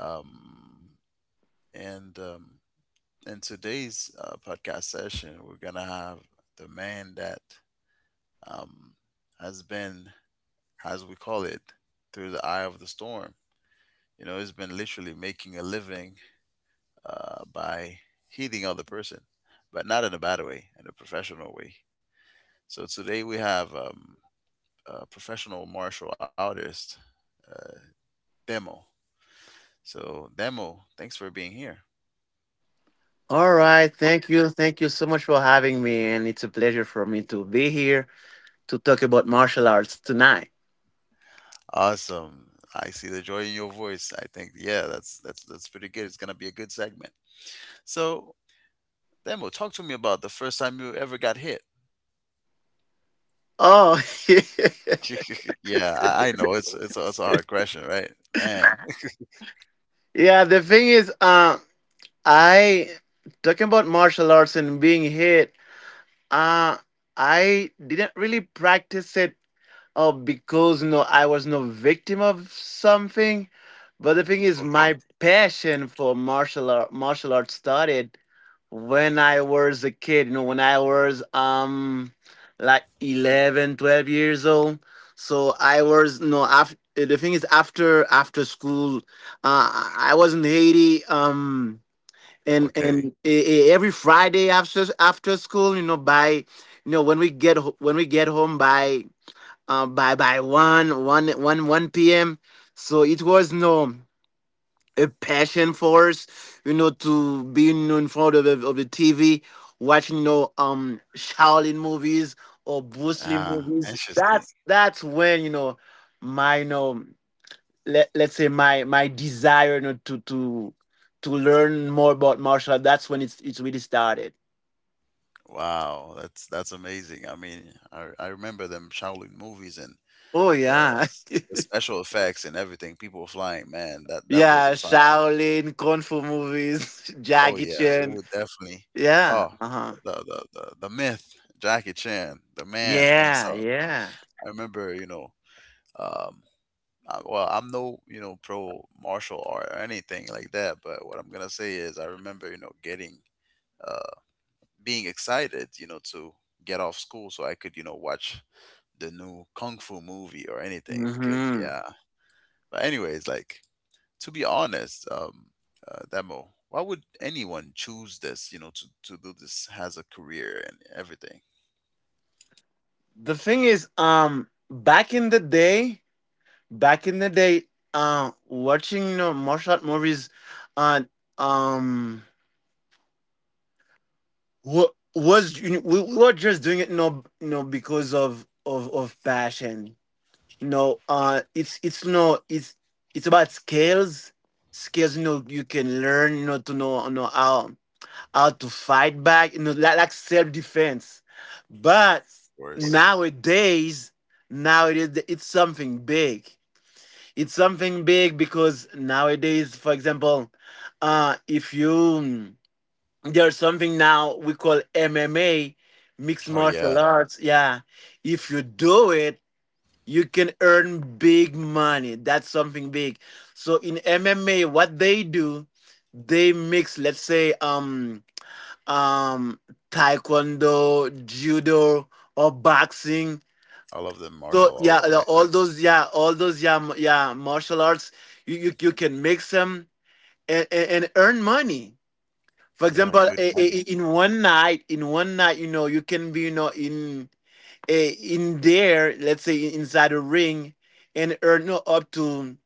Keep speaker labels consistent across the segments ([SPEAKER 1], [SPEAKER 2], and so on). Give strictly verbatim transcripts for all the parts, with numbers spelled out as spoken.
[SPEAKER 1] Um, and um, in today's uh, podcast session, we're gonna have the man that um, has been, as we call it, through the eye of the storm. You know, he's been literally making a living uh, by heeding other person, but not in a bad way, in a professional way. So today we have um, a professional martial artist uh, Demo. So, Demo, thanks for being here.
[SPEAKER 2] All right. Thank you. Thank you so much for having me. And it's a pleasure for me to be here to talk about martial arts tonight.
[SPEAKER 1] Awesome. I see the joy in your voice. I think yeah, that's that's that's pretty good. It's gonna be a good segment. So, Demo, talk to me about the first time you ever got hit.
[SPEAKER 2] Oh,
[SPEAKER 1] Yeah, I, I know it's it's a, it's a hard question, right? Man.
[SPEAKER 2] yeah. The thing is, uh, I, talking about martial arts and being hit, uh, I didn't really practice it uh, because no, I was no victim of something. But the thing is,
[SPEAKER 1] Okay.
[SPEAKER 2] my passion for martial art, martial arts started when I was a kid, you know, when I was um like eleven, twelve years old. So I was no, after the thing is, after after school, uh, I was in Haiti. Um, and
[SPEAKER 1] Okay.
[SPEAKER 2] and e- e- every Friday after after school, you know, by, you know, when we get ho- when we get home by uh by by one one one one p.m. So it was no a passion for us, you know, to be, you know, in front of the- of the T V, watching, you know, um, Shaolin movies or Bruce Lee
[SPEAKER 1] Ah,
[SPEAKER 2] movies.
[SPEAKER 1] interesting.
[SPEAKER 2] That's that's when, you know, my you know let let's say, my my desire, you know, to to to learn more about martial art. That's when it's it's really started.
[SPEAKER 1] Wow, that's that's amazing. I mean, I I remember them Shaolin movies and
[SPEAKER 2] Oh
[SPEAKER 1] the
[SPEAKER 2] yeah.
[SPEAKER 1] the special effects and everything. People flying, man. That that was
[SPEAKER 2] Yeah,
[SPEAKER 1] a time.
[SPEAKER 2] Shaolin, Kung Fu movies.
[SPEAKER 1] Oh
[SPEAKER 2] Jackie
[SPEAKER 1] yeah, we
[SPEAKER 2] Chan.
[SPEAKER 1] would definitely.
[SPEAKER 2] Yeah.
[SPEAKER 1] Oh,
[SPEAKER 2] Uh huh.
[SPEAKER 1] the the the, the myth, Jackie Chan, the man
[SPEAKER 2] Yeah,
[SPEAKER 1] himself.
[SPEAKER 2] yeah.
[SPEAKER 1] I remember, you know, um, I, well, I'm no, you know, pro martial art or anything like that, but what I'm gonna say is, I remember, you know, getting, uh, being excited, you know, to get off school so I could, you know, watch the new kung fu movie or anything because
[SPEAKER 2] Hmm.
[SPEAKER 1] yeah. But anyways, like to be honest, um, uh, Demo, why would anyone choose this, you know, to, to do this as a career and everything?
[SPEAKER 2] The thing is, um, back in the day, back in the day, uh, watching, you know, martial art movies. uh, um, wa- was you know, we we were just doing it, you know, you know, because of of of passion. You know, uh, it's it's no, it's it's about skills, skills. You know, you can learn, you know, to know, you know, how. how to fight back, you know, like, like self defense. But
[SPEAKER 1] Worse.
[SPEAKER 2] nowadays, nowadays it's something big. It's something big because nowadays, for example, uh, if you there's something now we call M M A, mixed
[SPEAKER 1] Oh,
[SPEAKER 2] martial
[SPEAKER 1] yeah.
[SPEAKER 2] arts. Yeah, if you do it, you can earn big money. That's something big. So in M M A, what they do, they mix. Let's say, um um taekwondo, judo, or boxing.
[SPEAKER 1] I love the
[SPEAKER 2] So
[SPEAKER 1] martial
[SPEAKER 2] yeah,
[SPEAKER 1] arts,
[SPEAKER 2] the-
[SPEAKER 1] right?
[SPEAKER 2] all those yeah all those yeah m- yeah martial arts, you you, you can mix them and, and, and earn money. For
[SPEAKER 1] Yeah,
[SPEAKER 2] example, i-
[SPEAKER 1] good
[SPEAKER 2] i- i-
[SPEAKER 1] money.
[SPEAKER 2] in one night, in one night you know, you can be, you know, in, eh, in there, let's say, in- inside a ring, and earn you up to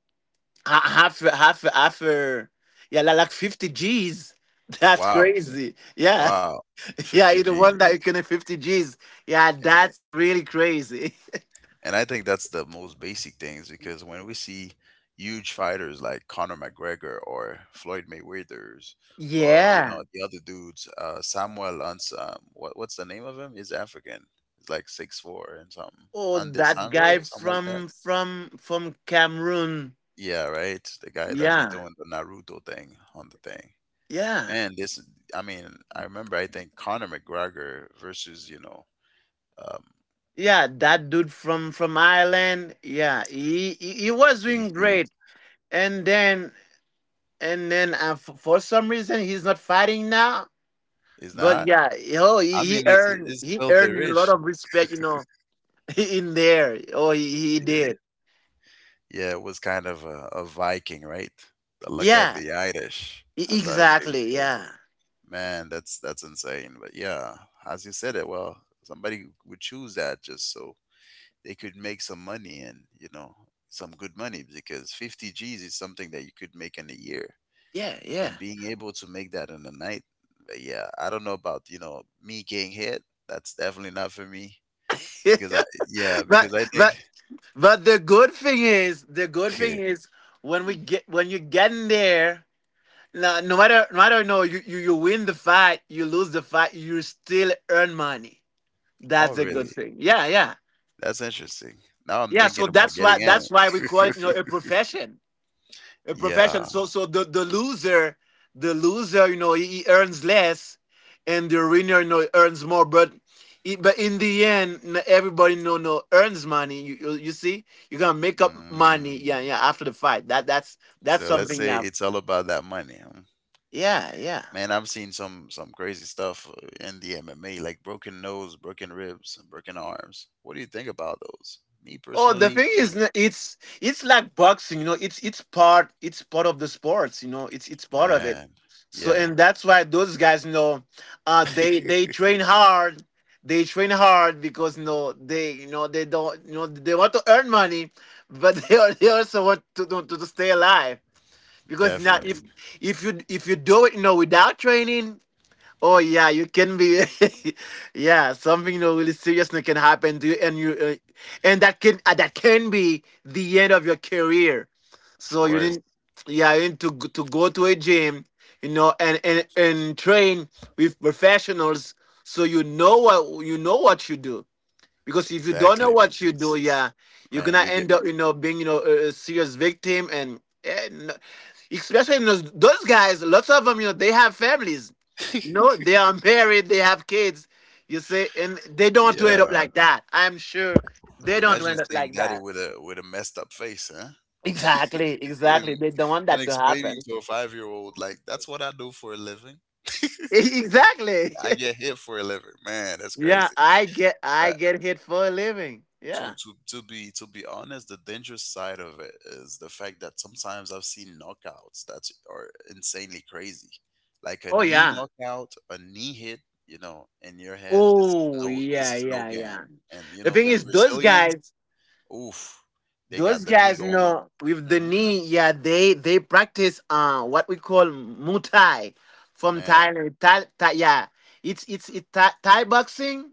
[SPEAKER 2] ha- half half half a- yeah like like fifty g's. That's
[SPEAKER 1] Wow.
[SPEAKER 2] crazy, yeah.
[SPEAKER 1] Wow.
[SPEAKER 2] Yeah,
[SPEAKER 1] fifty
[SPEAKER 2] you the
[SPEAKER 1] G.
[SPEAKER 2] one that you can fifty G's. Yeah, that's really crazy.
[SPEAKER 1] And I think that's the most basic things because when we see huge fighters like Conor McGregor or Floyd Mayweather's or you
[SPEAKER 2] Yeah.
[SPEAKER 1] know the other dudes, uh, Samuel Ans, um, what what's the name of him? He's African. He's like six four and something.
[SPEAKER 2] Oh, that
[SPEAKER 1] Andesangwe,
[SPEAKER 2] guy
[SPEAKER 1] something like that.
[SPEAKER 2] from from from Cameroon.
[SPEAKER 1] Yeah, right. The guy that be
[SPEAKER 2] Yeah.
[SPEAKER 1] doing the Naruto thing on the thing.
[SPEAKER 2] Yeah.
[SPEAKER 1] Man, this. I mean, I remember. I think Conor McGregor versus you know um,
[SPEAKER 2] Yeah, that dude from from Ireland. Yeah, he he, he
[SPEAKER 1] th-
[SPEAKER 2] was
[SPEAKER 1] these
[SPEAKER 2] doing
[SPEAKER 1] dudes
[SPEAKER 2] great. And then and then uh, f- for some reason he's not fighting now.
[SPEAKER 1] is
[SPEAKER 2] But
[SPEAKER 1] not.
[SPEAKER 2] yeah, oh, he,
[SPEAKER 1] I
[SPEAKER 2] he
[SPEAKER 1] mean, it's
[SPEAKER 2] earned
[SPEAKER 1] it's
[SPEAKER 2] he
[SPEAKER 1] filthy
[SPEAKER 2] earned a lot
[SPEAKER 1] rich.
[SPEAKER 2] of respect, you know. In there. Oh, he, he
[SPEAKER 1] Yeah.
[SPEAKER 2] did.
[SPEAKER 1] Yeah, it was kind of a, a Viking, right? The look at
[SPEAKER 2] Yeah,
[SPEAKER 1] the Irish,
[SPEAKER 2] e-
[SPEAKER 1] as I, they would
[SPEAKER 2] exactly.
[SPEAKER 1] say.
[SPEAKER 2] Yeah.
[SPEAKER 1] Man, that's that's insane. But yeah, as you said it, well, somebody would choose that just so they could make some money and you know some good money because fifty G's is something that you could make in a year,
[SPEAKER 2] Yeah, yeah.
[SPEAKER 1] and being able to make that in a night, uh, yeah, I don't know about you know me getting hit. That's definitely not for me, because I yeah,
[SPEAKER 2] but
[SPEAKER 1] because I think.
[SPEAKER 2] but but the good thing is, the good thing is when we get when you get in there, no no matter no matter no you, you you win the fight, you lose the fight, you still earn money.
[SPEAKER 1] Oh,
[SPEAKER 2] That's a good
[SPEAKER 1] really.
[SPEAKER 2] thing. Yeah, yeah.
[SPEAKER 1] That's interesting. Now I'm
[SPEAKER 2] Yeah, so
[SPEAKER 1] thinking about
[SPEAKER 2] that's why
[SPEAKER 1] getting in.
[SPEAKER 2] that's why we call it, you know, a profession. a profession.
[SPEAKER 1] Yeah.
[SPEAKER 2] So so the, the loser, the loser, you know, he, he earns less, and the winner, you know, earns more. But i- but in the end, n- everybody no no earns money. You, you you see, you're gonna make up money.
[SPEAKER 1] Mm.
[SPEAKER 2] Yeah, yeah. After the fight, that that's that's
[SPEAKER 1] So let's
[SPEAKER 2] something.
[SPEAKER 1] say
[SPEAKER 2] Yeah,
[SPEAKER 1] it's all about that money, huh?
[SPEAKER 2] yeah, yeah.
[SPEAKER 1] Man, I've seen some some crazy stuff uh, in the M M A, like broken nose, broken ribs, and broken arms. What do you think about those? Me
[SPEAKER 2] Oh, the
[SPEAKER 1] personally,
[SPEAKER 2] thing
[SPEAKER 1] mm,
[SPEAKER 2] is, n- it's it's like boxing, you know. It's it's part it's part of the sports, you know. It's it's part of it.
[SPEAKER 1] man,
[SPEAKER 2] So,
[SPEAKER 1] yeah,
[SPEAKER 2] and that's why those guys, you know, uh, they they train hard. They train hard because, you know, they, you know, they don't, you know, they want to earn money, but they are, they also want to, to to stay alive, because now, if
[SPEAKER 1] definitely,
[SPEAKER 2] if you if you do it, you know, without training. Oh yeah, you can be. Yeah, something, you know, really serious that can happen to you. And you, uh, and that can uh, that can be the end of your career.
[SPEAKER 1] of
[SPEAKER 2] So you
[SPEAKER 1] course,
[SPEAKER 2] didn't. Yeah, you need to, g- to go to a gym, you know, and and and train with professionals, so you know what, you know what you do. Because if you don't know
[SPEAKER 1] exactly,
[SPEAKER 2] what you do,
[SPEAKER 1] because
[SPEAKER 2] yeah, you're
[SPEAKER 1] man,
[SPEAKER 2] gonna
[SPEAKER 1] you get
[SPEAKER 2] end up, you know, being, you know, a, a serious victim, and, and especially in those, those guys, lots of them, you know, they have families. You know, they are married, they have kids. You see, and they don't want to end up
[SPEAKER 1] yeah.
[SPEAKER 2] like that. I'm sure they don't want to
[SPEAKER 1] Imagine
[SPEAKER 2] end up
[SPEAKER 1] seeing
[SPEAKER 2] like
[SPEAKER 1] Daddy
[SPEAKER 2] that.
[SPEAKER 1] with a with a messed up face, huh?
[SPEAKER 2] Exactly, exactly.
[SPEAKER 1] and
[SPEAKER 2] They don't want
[SPEAKER 1] and
[SPEAKER 2] that to
[SPEAKER 1] explaining
[SPEAKER 2] happen.
[SPEAKER 1] to a five year old like that's what I do for a living.
[SPEAKER 2] Exactly.
[SPEAKER 1] I get hit for a living. Man, that's
[SPEAKER 2] Yeah,
[SPEAKER 1] crazy.
[SPEAKER 2] I get, I
[SPEAKER 1] But
[SPEAKER 2] get hit for a living.
[SPEAKER 1] to
[SPEAKER 2] Yeah.
[SPEAKER 1] to to be to be honest, the dangerous side of it is the fact that sometimes I've seen knockouts that are insanely crazy, like a
[SPEAKER 2] Oh
[SPEAKER 1] knee
[SPEAKER 2] yeah.
[SPEAKER 1] knockout, a knee hit, you know, in your head. This is
[SPEAKER 2] Oh
[SPEAKER 1] no this
[SPEAKER 2] yeah,
[SPEAKER 1] is no
[SPEAKER 2] yeah,
[SPEAKER 1] game.
[SPEAKER 2] yeah.
[SPEAKER 1] And you
[SPEAKER 2] The
[SPEAKER 1] know
[SPEAKER 2] thing
[SPEAKER 1] them
[SPEAKER 2] is, those
[SPEAKER 1] Brazilians,
[SPEAKER 2] guys.
[SPEAKER 1] oof, they got
[SPEAKER 2] Those
[SPEAKER 1] the knee
[SPEAKER 2] guys, you
[SPEAKER 1] going on.
[SPEAKER 2] know, with the
[SPEAKER 1] Hmm.
[SPEAKER 2] knee, yeah, they they practice uh what we call Muay Thai from
[SPEAKER 1] Man,
[SPEAKER 2] Thailand. Thai, Thai, yeah, it's it's it, Thai, Thai boxing,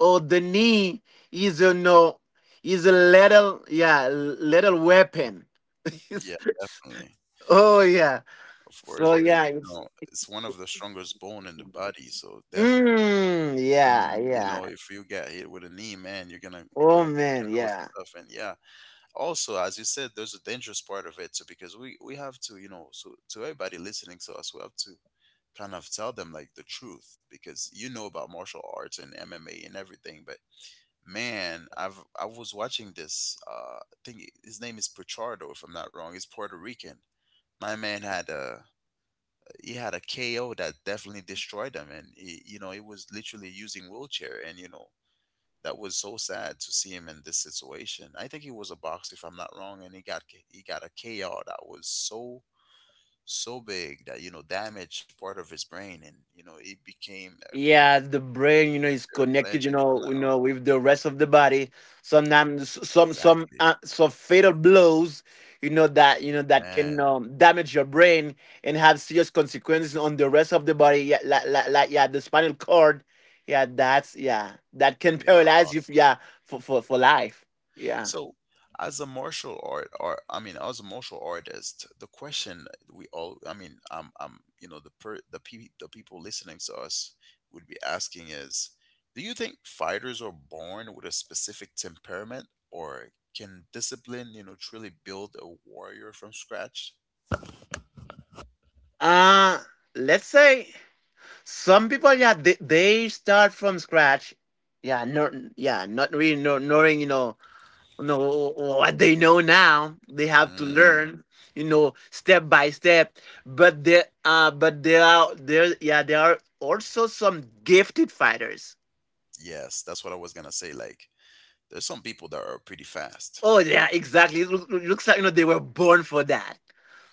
[SPEAKER 2] or the knee is, you know is a little, yeah, little weapon.
[SPEAKER 1] yeah, definitely.
[SPEAKER 2] Oh yeah,
[SPEAKER 1] Of course,
[SPEAKER 2] so
[SPEAKER 1] because
[SPEAKER 2] yeah,
[SPEAKER 1] you
[SPEAKER 2] it's
[SPEAKER 1] know it's one of the strongest bone in the body. So definitely,
[SPEAKER 2] mm,
[SPEAKER 1] mm,
[SPEAKER 2] yeah,
[SPEAKER 1] you know,
[SPEAKER 2] yeah.
[SPEAKER 1] if you get hit with a knee, man, you're gonna get
[SPEAKER 2] Oh
[SPEAKER 1] a broken
[SPEAKER 2] man,
[SPEAKER 1] nose and
[SPEAKER 2] yeah.
[SPEAKER 1] stuff. And yeah, also as you said, there's a dangerous part of it too, because we we have to, you know, so to everybody listening to us, we have to kind of tell them like the truth because you know about martial arts and M M A and everything, but man, I've I was watching this uh thing. His name is Pichardo if I'm not wrong. He's Puerto Rican. My man had a he had a K O that definitely destroyed him, and he, you know he was literally using wheelchair, and you know that was so sad to see him in this situation. I think he was a boxer, if I'm not wrong, and he got K- he got a K O that was so so big that you know damaged part of his brain, and you know he became a
[SPEAKER 2] Yeah, the brain, you know, is connected,
[SPEAKER 1] paraplegic.
[SPEAKER 2] you
[SPEAKER 1] If I'm not
[SPEAKER 2] know, you
[SPEAKER 1] wrong,
[SPEAKER 2] know, with the rest of the body. Sometimes, some, some,
[SPEAKER 1] exactly,
[SPEAKER 2] uh, some fatal blows, you know, that, you know, that can
[SPEAKER 1] man.
[SPEAKER 2] um, damage your brain and have serious consequences on the rest of the body. Yeah, like, like, like, yeah, the spinal cord. Yeah, that's, yeah, that can
[SPEAKER 1] Yeah.
[SPEAKER 2] paralyze you. Yeah, for for for life. Yeah.
[SPEAKER 1] So, as a martial art, or I mean, as a martial artist, the question we all, I mean, um, um, you know, the per, the pe- the people listening to us would be asking is, do you think fighters are born with a specific temperament, or can discipline, you know, truly build a warrior from scratch?
[SPEAKER 2] Uh let's say some people, yeah, they they start from scratch. Yeah, no, yeah, not really, no, knowing, you know. No, what they know now, they have to
[SPEAKER 1] Mm,
[SPEAKER 2] learn, you know, step by step. But there, uh, but there are there, yeah, there are also some gifted fighters.
[SPEAKER 1] yes, that's what I was gonna say. Like, there's some people that are pretty fast.
[SPEAKER 2] Oh yeah, exactly. It loo- looks like, you know, they were born for that.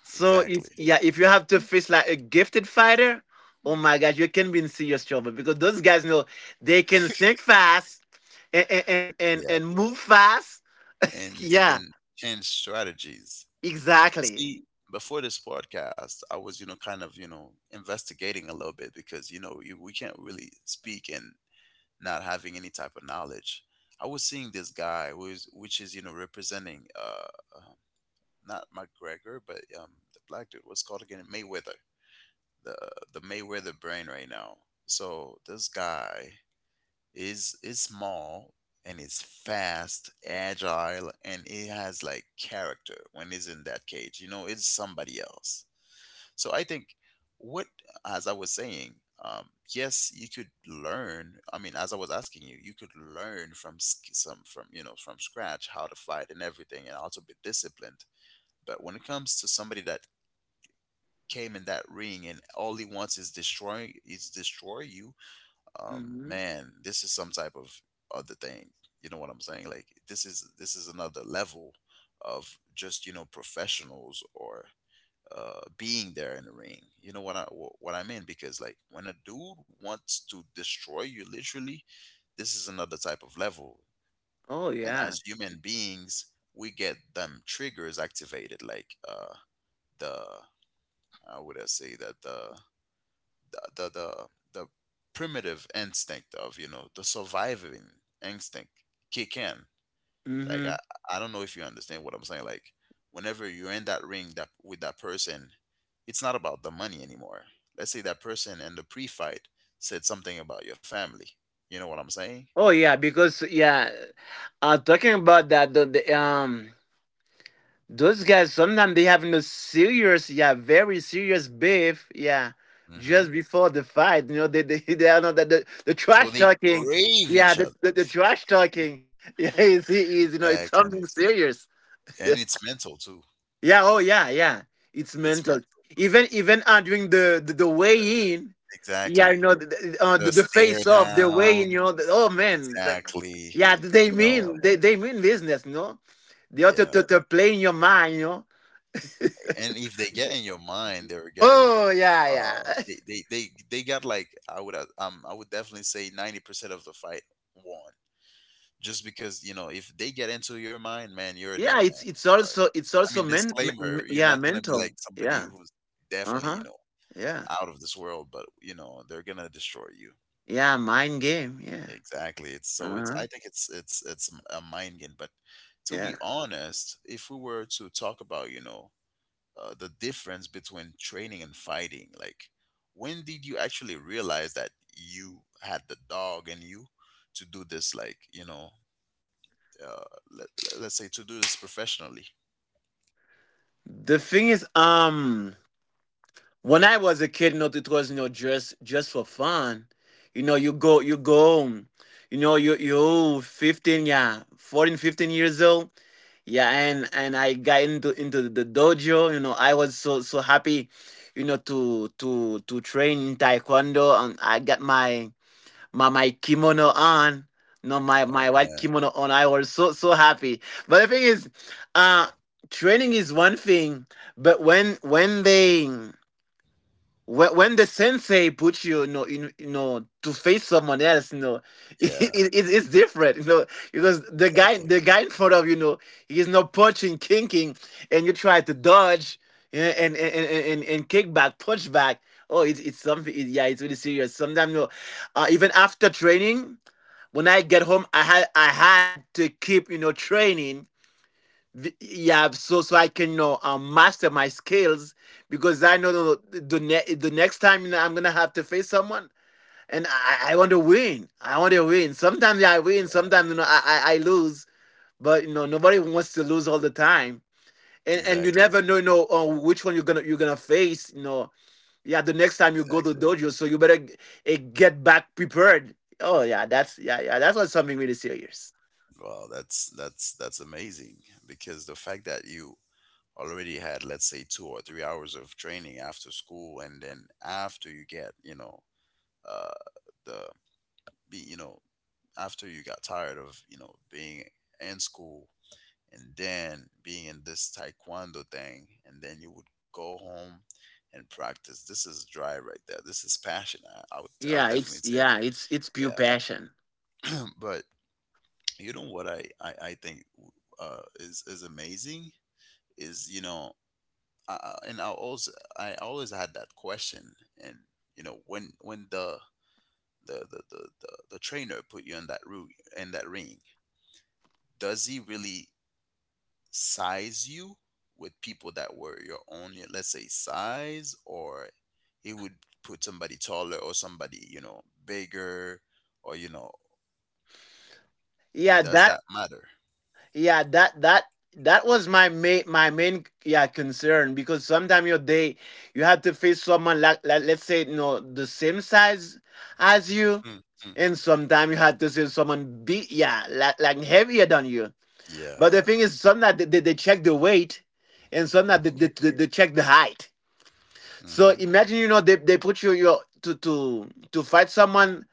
[SPEAKER 2] So if
[SPEAKER 1] Exactly.
[SPEAKER 2] yeah, if you have to face, like, a gifted fighter, oh my gosh, you can be in serious trouble, because those guys know, they can think fast, and and and
[SPEAKER 1] Yeah,
[SPEAKER 2] and move fast.
[SPEAKER 1] and they
[SPEAKER 2] Yeah,
[SPEAKER 1] can change strategies.
[SPEAKER 2] exactly.
[SPEAKER 1] See, before this podcast, I was, you know, kind of, you know, investigating a little bit because, you know, you, we can't really speak and not having any type of knowledge. I was seeing this guy who is, which is, you know, representing, uh, um, not McGregor, but um, the black dude. What's called again? Mayweather. The the Mayweather brain right now. So this guy is is small and is fast, agile, and it has like character when he's in that cage. You know, it's somebody else, so I think what, as I was saying, um, yes, you could learn. I mean, as I was asking you, you could learn from sk- some from you know from scratch how to fight and everything, and also be disciplined. But when it comes to somebody that came in that ring and all he wants is destroy is destroy you, um,
[SPEAKER 2] Hmm.
[SPEAKER 1] man, this is some type of other thing. You know what I'm saying? Like this is this is another level of just you know professionals or uh, being there in the ring. You know what I wh- what I mean? Because like when a dude wants to destroy you, literally, this is another type of level.
[SPEAKER 2] Oh
[SPEAKER 1] And
[SPEAKER 2] yeah.
[SPEAKER 1] as human beings, we get them triggers activated, like uh, the how would I say that, the the the the, the primitive instinct of you know the surviving instinct kick in. Like I, I don't know if you understand what I'm saying. Like whenever you're in that ring that with that person, it's not about the money anymore. Let's say that person in the pre-fight said something about your family. You know what I'm saying?
[SPEAKER 2] Oh yeah, because yeah, uh, talking about that, the, the um, those guys sometimes, they have no serious, yeah, very serious beef, yeah, just
[SPEAKER 1] Hmm.
[SPEAKER 2] before the fight, you know. They they, they are not that, the, the
[SPEAKER 1] So
[SPEAKER 2] trash
[SPEAKER 1] they
[SPEAKER 2] talking,
[SPEAKER 1] crave
[SPEAKER 2] yeah,
[SPEAKER 1] each
[SPEAKER 2] the,
[SPEAKER 1] other.
[SPEAKER 2] the, the trash talking, yeah, is is, you know, it's something
[SPEAKER 1] Exactly.
[SPEAKER 2] serious.
[SPEAKER 1] And it's mental too.
[SPEAKER 2] Yeah, oh yeah, yeah. It's
[SPEAKER 1] It's
[SPEAKER 2] mental.
[SPEAKER 1] mental.
[SPEAKER 2] Even even uh, during the the, the weigh in, yeah, you
[SPEAKER 1] Exactly.
[SPEAKER 2] know, the, the, uh,
[SPEAKER 1] The
[SPEAKER 2] the, the
[SPEAKER 1] stare
[SPEAKER 2] face off, the weigh
[SPEAKER 1] down.
[SPEAKER 2] in, you know, the, oh man, the,
[SPEAKER 1] Exactly.
[SPEAKER 2] yeah, they
[SPEAKER 1] No.
[SPEAKER 2] mean they, they mean business, you know. They ought to,
[SPEAKER 1] Yeah.
[SPEAKER 2] to, to play in your mind, you know.
[SPEAKER 1] And if they get in your mind, they're getting
[SPEAKER 2] Oh yeah,
[SPEAKER 1] uh
[SPEAKER 2] yeah,
[SPEAKER 1] they they they, they got, like I would uh, um I would definitely say ninety percent of the fight won just because you know if they get into your mind, man, you're a
[SPEAKER 2] yeah.
[SPEAKER 1] dead
[SPEAKER 2] It's
[SPEAKER 1] man.
[SPEAKER 2] it's
[SPEAKER 1] Sorry,
[SPEAKER 2] also it's
[SPEAKER 1] I
[SPEAKER 2] also
[SPEAKER 1] mean
[SPEAKER 2] men, me- me-
[SPEAKER 1] disclaimer, you're
[SPEAKER 2] yeah
[SPEAKER 1] not gonna be like
[SPEAKER 2] mental,
[SPEAKER 1] somebody
[SPEAKER 2] yeah.
[SPEAKER 1] who's
[SPEAKER 2] Uh
[SPEAKER 1] definitely you
[SPEAKER 2] huh,
[SPEAKER 1] know
[SPEAKER 2] yeah,
[SPEAKER 1] out of this world, but you know they're gonna destroy you.
[SPEAKER 2] yeah, mind game, yeah.
[SPEAKER 1] Exactly. It's
[SPEAKER 2] Uh
[SPEAKER 1] so, it's,
[SPEAKER 2] huh,
[SPEAKER 1] I think, it's it's it's a mind game, but to be
[SPEAKER 2] yeah.
[SPEAKER 1] honest, if we were to talk about you know uh, the difference between training and fighting. Like, when did you actually realize that you had the dog in you to do this? Like, you know, uh, let, let's say to do this professionally.
[SPEAKER 2] The thing is, um. When I was a kid, you know, it was, you know, just just for fun. You know, you go you go, um, you know, you you fifteen, yeah, fourteen, fifteen years old. Yeah, and and I got into into the dojo. You know, I was so so happy, you know, to to to train in taekwondo, and I got my my my kimono on. You know, my
[SPEAKER 1] Oh
[SPEAKER 2] my white
[SPEAKER 1] man,
[SPEAKER 2] kimono on. I was so so happy. But the thing is, uh, training is one thing, but when when they when, when the sensei puts you, you know, in, you know, to face someone else, you know, it,
[SPEAKER 1] yeah,
[SPEAKER 2] it, it's different, you know, because the guy,
[SPEAKER 1] exactly,
[SPEAKER 2] the guy in front of you, you know, he's not punching, kinking, and you try to dodge, yeah, and, and, and, and, and kick back, punch back. Oh, it's, it's something. It, yeah, it's really serious. Sometimes, you know, uh, even after training, when I get home, I had, I had to keep, you know, training the- yeah, so so I can, you know, um, master my skills because I know the, the, ne- the next time, you know, I'm gonna have to face someone. And i i want to win. I want to win. Sometimes I win, sometimes, you know, i i, I lose. But you know, nobody wants to lose all the time. And and you
[SPEAKER 1] exactly,
[SPEAKER 2] never know, you know, uh, which one you're gonna you're gonna face, you know. Yeah, the next time you go to
[SPEAKER 1] exactly.
[SPEAKER 2] dojo, so you better g- eh, get back prepared. Oh yeah, that's, yeah, yeah, that's what's something really serious.
[SPEAKER 1] Wow, that's that's that's amazing because the fact that you already had, let's say, two or three hours of training after school, and then after you get, you know, uh, the be- you know after you got tired of you know being in school and then being in this taekwondo thing and then you would go home and practice. This is dry right there, this is passion. I, I would i would
[SPEAKER 2] Yeah,
[SPEAKER 1] definitely
[SPEAKER 2] it's,
[SPEAKER 1] say it.
[SPEAKER 2] yeah, it's it's
[SPEAKER 1] Yeah.
[SPEAKER 2] pure passion.
[SPEAKER 1] But you know what i i, I think uh is is amazing is, you know I, I- and I also I always had that question. And you know when when the the the the, the, the trainer put you in that room in that ring, does he really size you with people that were your own, y- let's say size, or it would put somebody taller or somebody, you know, bigger, or, you know,
[SPEAKER 2] Yeah,
[SPEAKER 1] and does
[SPEAKER 2] that
[SPEAKER 1] that matter?
[SPEAKER 2] yeah that that that was my main my main yeah concern because sometimes your day you have to face someone like, like, let's say, you know, the same size as you.
[SPEAKER 1] Mm, mm.
[SPEAKER 2] And sometimes you have to see someone big, yeah, like, like heavier than you. But
[SPEAKER 1] Yeah.
[SPEAKER 2] the thing is, sometimes they, they, they check the weight, and sometimes they,
[SPEAKER 1] Okay.
[SPEAKER 2] they, they, they check the height. So
[SPEAKER 1] Hmm.
[SPEAKER 2] imagine, you know, they, they put you your to to to fight someone,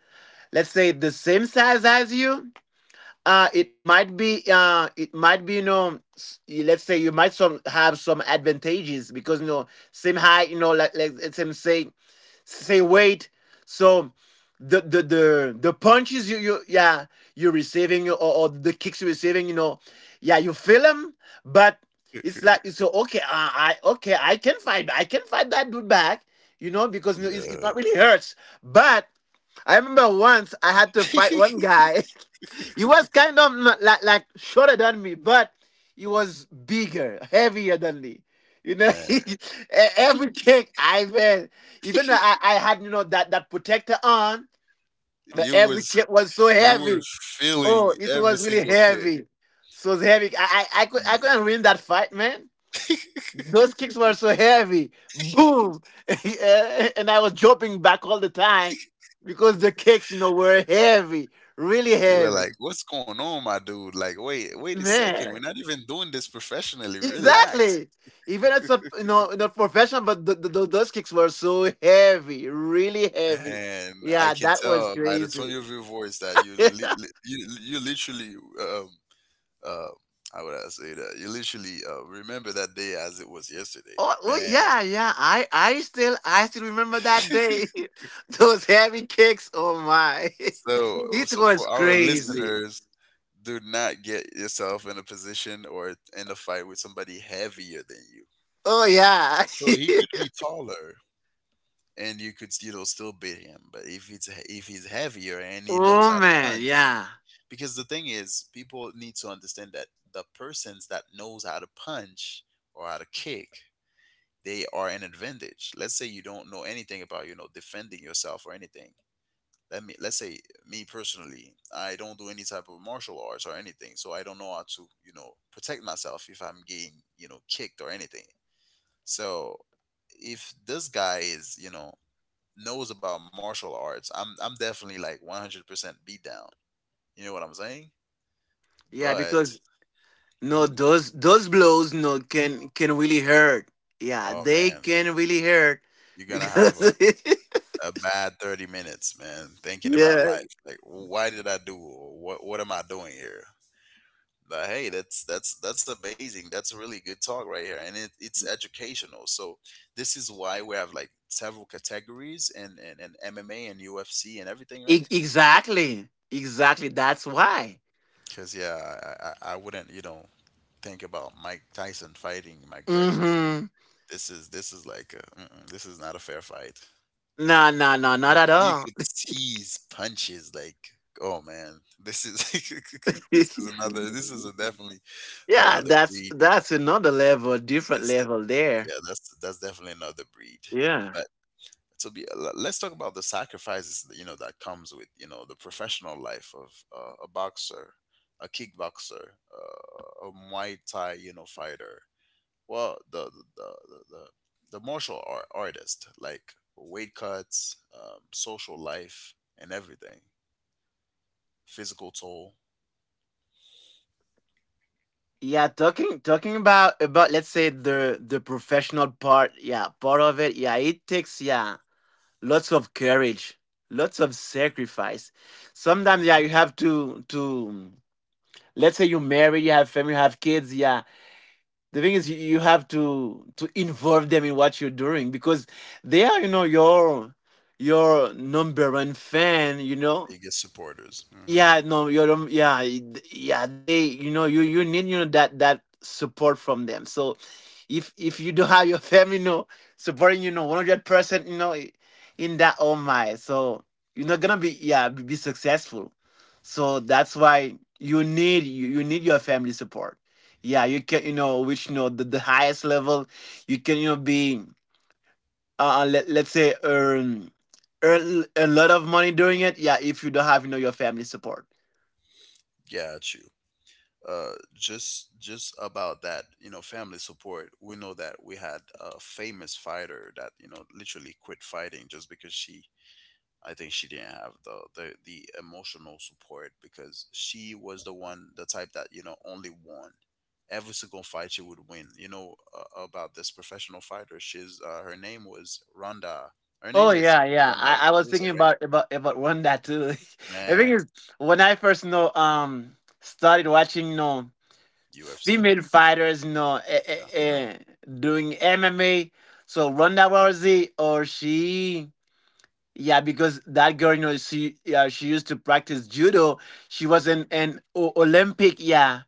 [SPEAKER 2] let's say the same size as you. Uh it might be, uh it might be, you know, let's say, you might some have some advantages because, you know, same height, you know, like, like it's him say, say weight. So the the the the punches you you yeah you're receiving, or, or the kicks you're receiving, you know, yeah, you feel them. But it's like, so, okay, uh, I okay, I can fight I can fight that dude back, you know, because, you know, it's, it's
[SPEAKER 1] Yeah.
[SPEAKER 2] not really hurts. But I remember once I had to fight one guy. He was kind of like like shorter than me, but he was bigger, heavier than me. You know, e-
[SPEAKER 1] Man,
[SPEAKER 2] every kick I made, even though I, I had, you know, that that protector on, but
[SPEAKER 1] you
[SPEAKER 2] every
[SPEAKER 1] was
[SPEAKER 2] kick was so
[SPEAKER 1] you
[SPEAKER 2] heavy.
[SPEAKER 1] were
[SPEAKER 2] Oh,
[SPEAKER 1] feeling
[SPEAKER 2] it was
[SPEAKER 1] every
[SPEAKER 2] really
[SPEAKER 1] single kick.
[SPEAKER 2] heavy, so heavy. I I, I could I couldn't
[SPEAKER 1] Mm.
[SPEAKER 2] win that fight, man. Those kicks were so heavy, boom, and I was jumping back all the time because the kicks, you know, were heavy, really
[SPEAKER 1] You were
[SPEAKER 2] heavy,
[SPEAKER 1] like, "What's going on, my dude? Like, wait, wait a second. We're
[SPEAKER 2] man.
[SPEAKER 1] not even doing this professionally." Relax."
[SPEAKER 2] Exactly. Even it's a, you know, not professional, but the, the, tho- those kicks were so heavy, really heavy.
[SPEAKER 1] Man, I
[SPEAKER 2] Yeah,
[SPEAKER 1] can
[SPEAKER 2] that was
[SPEAKER 1] tell by the
[SPEAKER 2] crazy.
[SPEAKER 1] tone of your voice that you
[SPEAKER 2] Oh,
[SPEAKER 1] li li you you literally um uh how would I say that? You literally uh, remember that day as it was yesterday.
[SPEAKER 2] oh
[SPEAKER 1] Man.
[SPEAKER 2] yeah, yeah. I I still I still remember that day. Those heavy kicks. Oh my,
[SPEAKER 1] So
[SPEAKER 2] it
[SPEAKER 1] so
[SPEAKER 2] was
[SPEAKER 1] for our
[SPEAKER 2] crazy.
[SPEAKER 1] listeners, do not get yourself in a position or in a fight with somebody heavier than you.
[SPEAKER 2] Oh yeah.
[SPEAKER 1] So he could be taller and you could, you know, still beat him, but if it's if he's heavier and he knows
[SPEAKER 2] Oh
[SPEAKER 1] how to
[SPEAKER 2] man,
[SPEAKER 1] punch.
[SPEAKER 2] yeah,
[SPEAKER 1] Because the thing is, people need to understand that the persons that knows how to punch or how to kick, they are an advantage. Let's say you don't know anything about, you know, defending yourself or anything. Let me let's say me personally, I don't do any type of martial arts or anything, so I don't know how to, you know, protect myself if I'm getting, you know, kicked or anything. So if this guy is, you know, knows about martial arts, i'm i'm definitely like one hundred percent beat down, you know what I'm saying?
[SPEAKER 2] yeah.
[SPEAKER 1] But
[SPEAKER 2] Because no,
[SPEAKER 1] mhm.
[SPEAKER 2] those those blows no can can really hurt. Yeah,
[SPEAKER 1] Oh
[SPEAKER 2] they
[SPEAKER 1] man,
[SPEAKER 2] can really hurt
[SPEAKER 1] you're gonna have
[SPEAKER 2] because.
[SPEAKER 1] a, a bad thirty minutes, man, thinking about
[SPEAKER 2] Yeah.
[SPEAKER 1] life. Like, why did I do? What what am I doing here? But hey, that's that's that's amazing. That's a really good talk right here, and it, it's educational. So this is why we have like several categories and and, and M M A and U F C and everything, right?
[SPEAKER 2] E- exactly. Exactly. That's why.
[SPEAKER 1] Because yeah, I, I I wouldn't, you know, think about Mike Tyson fighting McGregor.
[SPEAKER 2] Mm-hmm.
[SPEAKER 1] This is this is like a, mm-mm, this is not a fair fight.
[SPEAKER 2] No, no, no, not
[SPEAKER 1] You
[SPEAKER 2] at
[SPEAKER 1] you
[SPEAKER 2] all.
[SPEAKER 1] could tease punches like, "Oh, man, this is this is another, this is a definitely
[SPEAKER 2] Yeah,
[SPEAKER 1] another
[SPEAKER 2] that's
[SPEAKER 1] breed."
[SPEAKER 2] that's another level, different
[SPEAKER 1] This,
[SPEAKER 2] level there.
[SPEAKER 1] yeah, that's that's definitely another breed.
[SPEAKER 2] Yeah.
[SPEAKER 1] But to be le- let's talk about the sacrifices that, you know, that comes with, you know, the professional life of uh, a boxer, a kickboxer, uh, a Muay Thai, you know, fighter. Well, the the the, the the the martial art artist, like weight cuts, um, social life, and everything. Physical toll.
[SPEAKER 2] Yeah, talking talking about about let's say the the professional part, yeah, part of it, yeah, it takes, yeah, lots of courage, lots of sacrifice. Sometimes, yeah,
[SPEAKER 1] Mhm.
[SPEAKER 2] you have to to let's say, you marry, you have family, you have kids, yeah. The thing is, you, you have to to involve them in what you're doing because they are, you know, your your number one fan, you know.
[SPEAKER 1] Biggest supporters. Hmm.
[SPEAKER 2] Yeah, no, you're um, yeah, yeah. They, you know, you you need, you know, that that support from them. So, if if you don't have your family, you know, supporting, you know, one hundred percent, you know, in that, oh my, so you're not gonna be, yeah, be, be successful. So that's why you need, you, you need your family support. Yeah, you can, you know, which, you know, the, the highest level you can, you know, be uh, uh, let, let's say earn, earn a lot of money doing it, yeah, if you don't have, you know, your family support.
[SPEAKER 1] Got you. Uh, just just about that, you know, family support. We know that we had a famous fighter that, you know, literally quit fighting just because she. I think she didn't have the, the the emotional support, because she was the one, the type that, you know, only won. Every single fight she would win. You know, uh, about this professional fighter. She's, uh, her name was Ronda. Her
[SPEAKER 2] Oh
[SPEAKER 1] name is
[SPEAKER 2] yeah, yeah.
[SPEAKER 1] Ronda
[SPEAKER 2] I, I was thinking
[SPEAKER 1] Rousey, right?
[SPEAKER 2] about about about one that too. The thing
[SPEAKER 1] Man,
[SPEAKER 2] is, when I first, you know, um started watching, you know,
[SPEAKER 1] U F C?
[SPEAKER 2] female fighters, you know, eh, eh,
[SPEAKER 1] Yeah.
[SPEAKER 2] eh, doing M M A. So Ronda Rousey, or she, yeah, because that girl, you know, she, yeah, she used to practice judo. She was an an o- Olympic, yeah,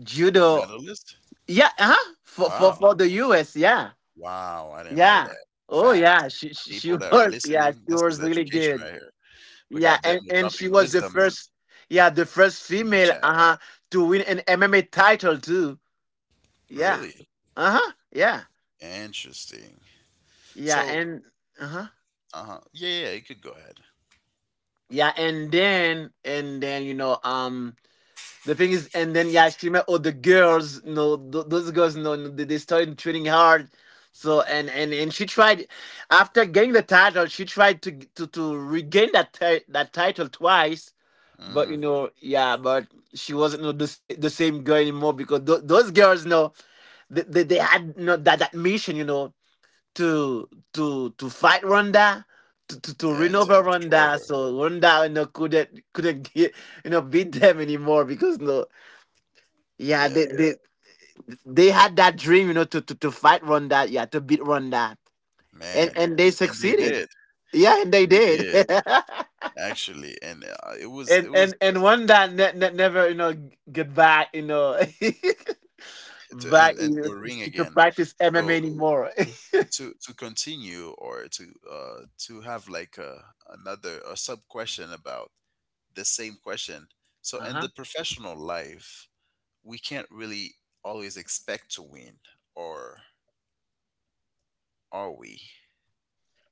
[SPEAKER 2] judo,
[SPEAKER 1] Medalist?
[SPEAKER 2] yeah, huh? For for
[SPEAKER 1] Wow.
[SPEAKER 2] for the U S, yeah,
[SPEAKER 1] Wow, I didn't know
[SPEAKER 2] yeah.
[SPEAKER 1] that.
[SPEAKER 2] Oh yeah,
[SPEAKER 1] Facts.
[SPEAKER 2] she she, she
[SPEAKER 1] People that are
[SPEAKER 2] was, yeah,
[SPEAKER 1] listening,
[SPEAKER 2] she
[SPEAKER 1] this is
[SPEAKER 2] was really
[SPEAKER 1] education
[SPEAKER 2] good.
[SPEAKER 1] right here. We
[SPEAKER 2] Yeah,
[SPEAKER 1] got them
[SPEAKER 2] and and she
[SPEAKER 1] dropping
[SPEAKER 2] was the
[SPEAKER 1] wisdom in,
[SPEAKER 2] first, yeah, the first
[SPEAKER 1] in the
[SPEAKER 2] female,
[SPEAKER 1] chat.
[SPEAKER 2] uh huh, to win an M M A title too. Yeah,
[SPEAKER 1] Really?
[SPEAKER 2] uh huh, yeah.
[SPEAKER 1] Interesting.
[SPEAKER 2] Yeah,
[SPEAKER 1] So,
[SPEAKER 2] and uh-huh.
[SPEAKER 1] uh-huh. Yeah, yeah, yeah, you could go ahead.
[SPEAKER 2] Yeah, and then and then you know um the thing is, and then, yeah, she met all the girls, you know, th- those girls, you know, they they started training hard. So and and and she tried, after getting the title, she tried to to to regain that ti- that title twice. But you
[SPEAKER 1] Mm,
[SPEAKER 2] know, yeah, but she wasn't, you know, the sa- the same girl anymore because th- those girls, you know, they they, they had, you know, that that mission, you know, to to to fight Ronda, to to, to
[SPEAKER 1] yeah, and to
[SPEAKER 2] renova
[SPEAKER 1] destroy
[SPEAKER 2] Ronda.
[SPEAKER 1] her.
[SPEAKER 2] So Ronda, you know, couldn't couldn't get, you know, beat them anymore because no, yeah,
[SPEAKER 1] Yeah,
[SPEAKER 2] they, yeah, they, they had that dream, you know, to, to to fight Ronda, yeah, to beat Ronda, and
[SPEAKER 1] man.
[SPEAKER 2] and they
[SPEAKER 1] And, and they
[SPEAKER 2] succeeded.
[SPEAKER 1] did.
[SPEAKER 2] Yeah, and they
[SPEAKER 1] They
[SPEAKER 2] did.
[SPEAKER 1] did, actually. And uh, it was, it
[SPEAKER 2] And
[SPEAKER 1] was,
[SPEAKER 2] and and Ronda ne- ne- never, you know, g- get back, you know,
[SPEAKER 1] to, and,
[SPEAKER 2] back, you
[SPEAKER 1] and to
[SPEAKER 2] know,
[SPEAKER 1] a ring
[SPEAKER 2] to, to
[SPEAKER 1] again.
[SPEAKER 2] practice M M A
[SPEAKER 1] So
[SPEAKER 2] anymore.
[SPEAKER 1] to to continue or to uh to have like a another a sub question about the same question. So
[SPEAKER 2] Uh
[SPEAKER 1] in the
[SPEAKER 2] huh.
[SPEAKER 1] professional life, we can't really always expect to win, or are we?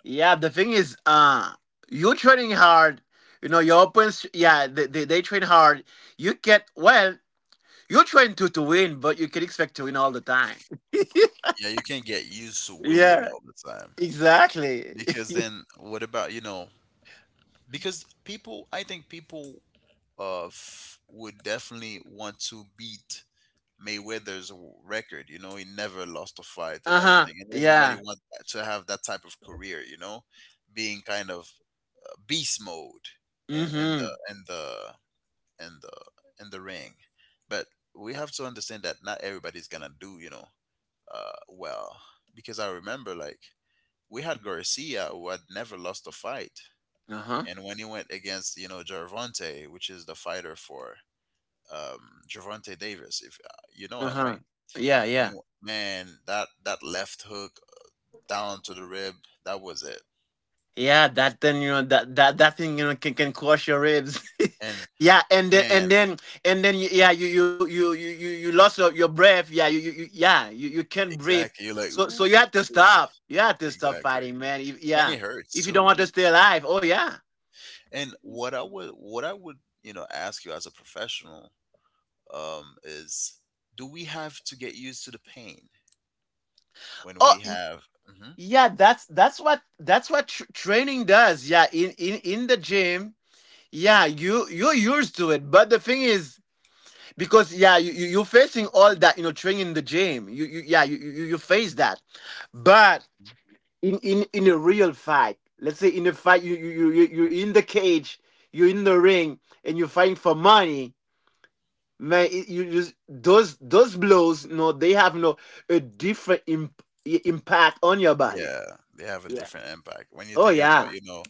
[SPEAKER 2] Yeah, the thing is, uh, you're training hard. You know, your opponents, yeah, they, they, they train hard. You get, well, you train to, to win, but you can expect to win all the time.
[SPEAKER 1] Yeah, you can't get used to winning
[SPEAKER 2] Yeah,
[SPEAKER 1] all the time,
[SPEAKER 2] exactly.
[SPEAKER 1] because then what about, you know, because people, I think people of would definitely want to beat Mayweather's record. You know, he never lost a fight and
[SPEAKER 2] Uh huh.
[SPEAKER 1] everything, and everybody
[SPEAKER 2] Yeah.
[SPEAKER 1] wants to have that type of career. You know, being kind of uh, beast mode
[SPEAKER 2] Mm
[SPEAKER 1] in, in
[SPEAKER 2] hmm.
[SPEAKER 1] the in the in the in the ring. But we have to understand that not everybody's gonna do, you know, uh, well, because I remember like we had Garcia who had never lost a fight.
[SPEAKER 2] Uh huh.
[SPEAKER 1] And when he went against, you know, Gervonta, which is the fighter for um, Javante Davis. If, uh, you know
[SPEAKER 2] Uh
[SPEAKER 1] him,
[SPEAKER 2] huh.
[SPEAKER 1] right?
[SPEAKER 2] Yeah,
[SPEAKER 1] When
[SPEAKER 2] yeah.
[SPEAKER 1] you, man, that that left hook down to the rib, that was it.
[SPEAKER 2] Yeah, that then, you know, that that that thing, you know, can can crush your ribs.
[SPEAKER 1] And
[SPEAKER 2] Yeah, and then and
[SPEAKER 1] man,
[SPEAKER 2] then and then yeah, you you you you you you lost your, your breath. Yeah, you, you, you yeah you you can't breathe.
[SPEAKER 1] exactly. You're like,
[SPEAKER 2] So so
[SPEAKER 1] ooh,
[SPEAKER 2] you have to stop. You have to stop
[SPEAKER 1] exactly.
[SPEAKER 2] fighting, man. If-
[SPEAKER 1] And
[SPEAKER 2] yeah,
[SPEAKER 1] it hurts
[SPEAKER 2] if you don't want
[SPEAKER 1] too.
[SPEAKER 2] to stay alive. Oh yeah.
[SPEAKER 1] And what I would what I would, you know, ask you as a professional, um, is, do we have to get used to the pain when
[SPEAKER 2] Oh
[SPEAKER 1] we
[SPEAKER 2] y-
[SPEAKER 1] have? Mhm.
[SPEAKER 2] yeah. That's that's what that's what tr- training does. Yeah, in in in the gym. Yeah, you you're used to it. But the thing is, because yeah you, you you're facing all that, you know, training in the gym, you, you yeah, you, you you face that. But in in in a real fight, let's say, in a fight, you you you you- you're in the cage, you're in the ring, and you're fighting for money, man. It, you just those those blows no, they have no a different imp, i- impact on your body.
[SPEAKER 1] Yeah, they have a
[SPEAKER 2] Yeah,
[SPEAKER 1] different impact. When you
[SPEAKER 2] oh
[SPEAKER 1] think about,
[SPEAKER 2] yeah,
[SPEAKER 1] you know,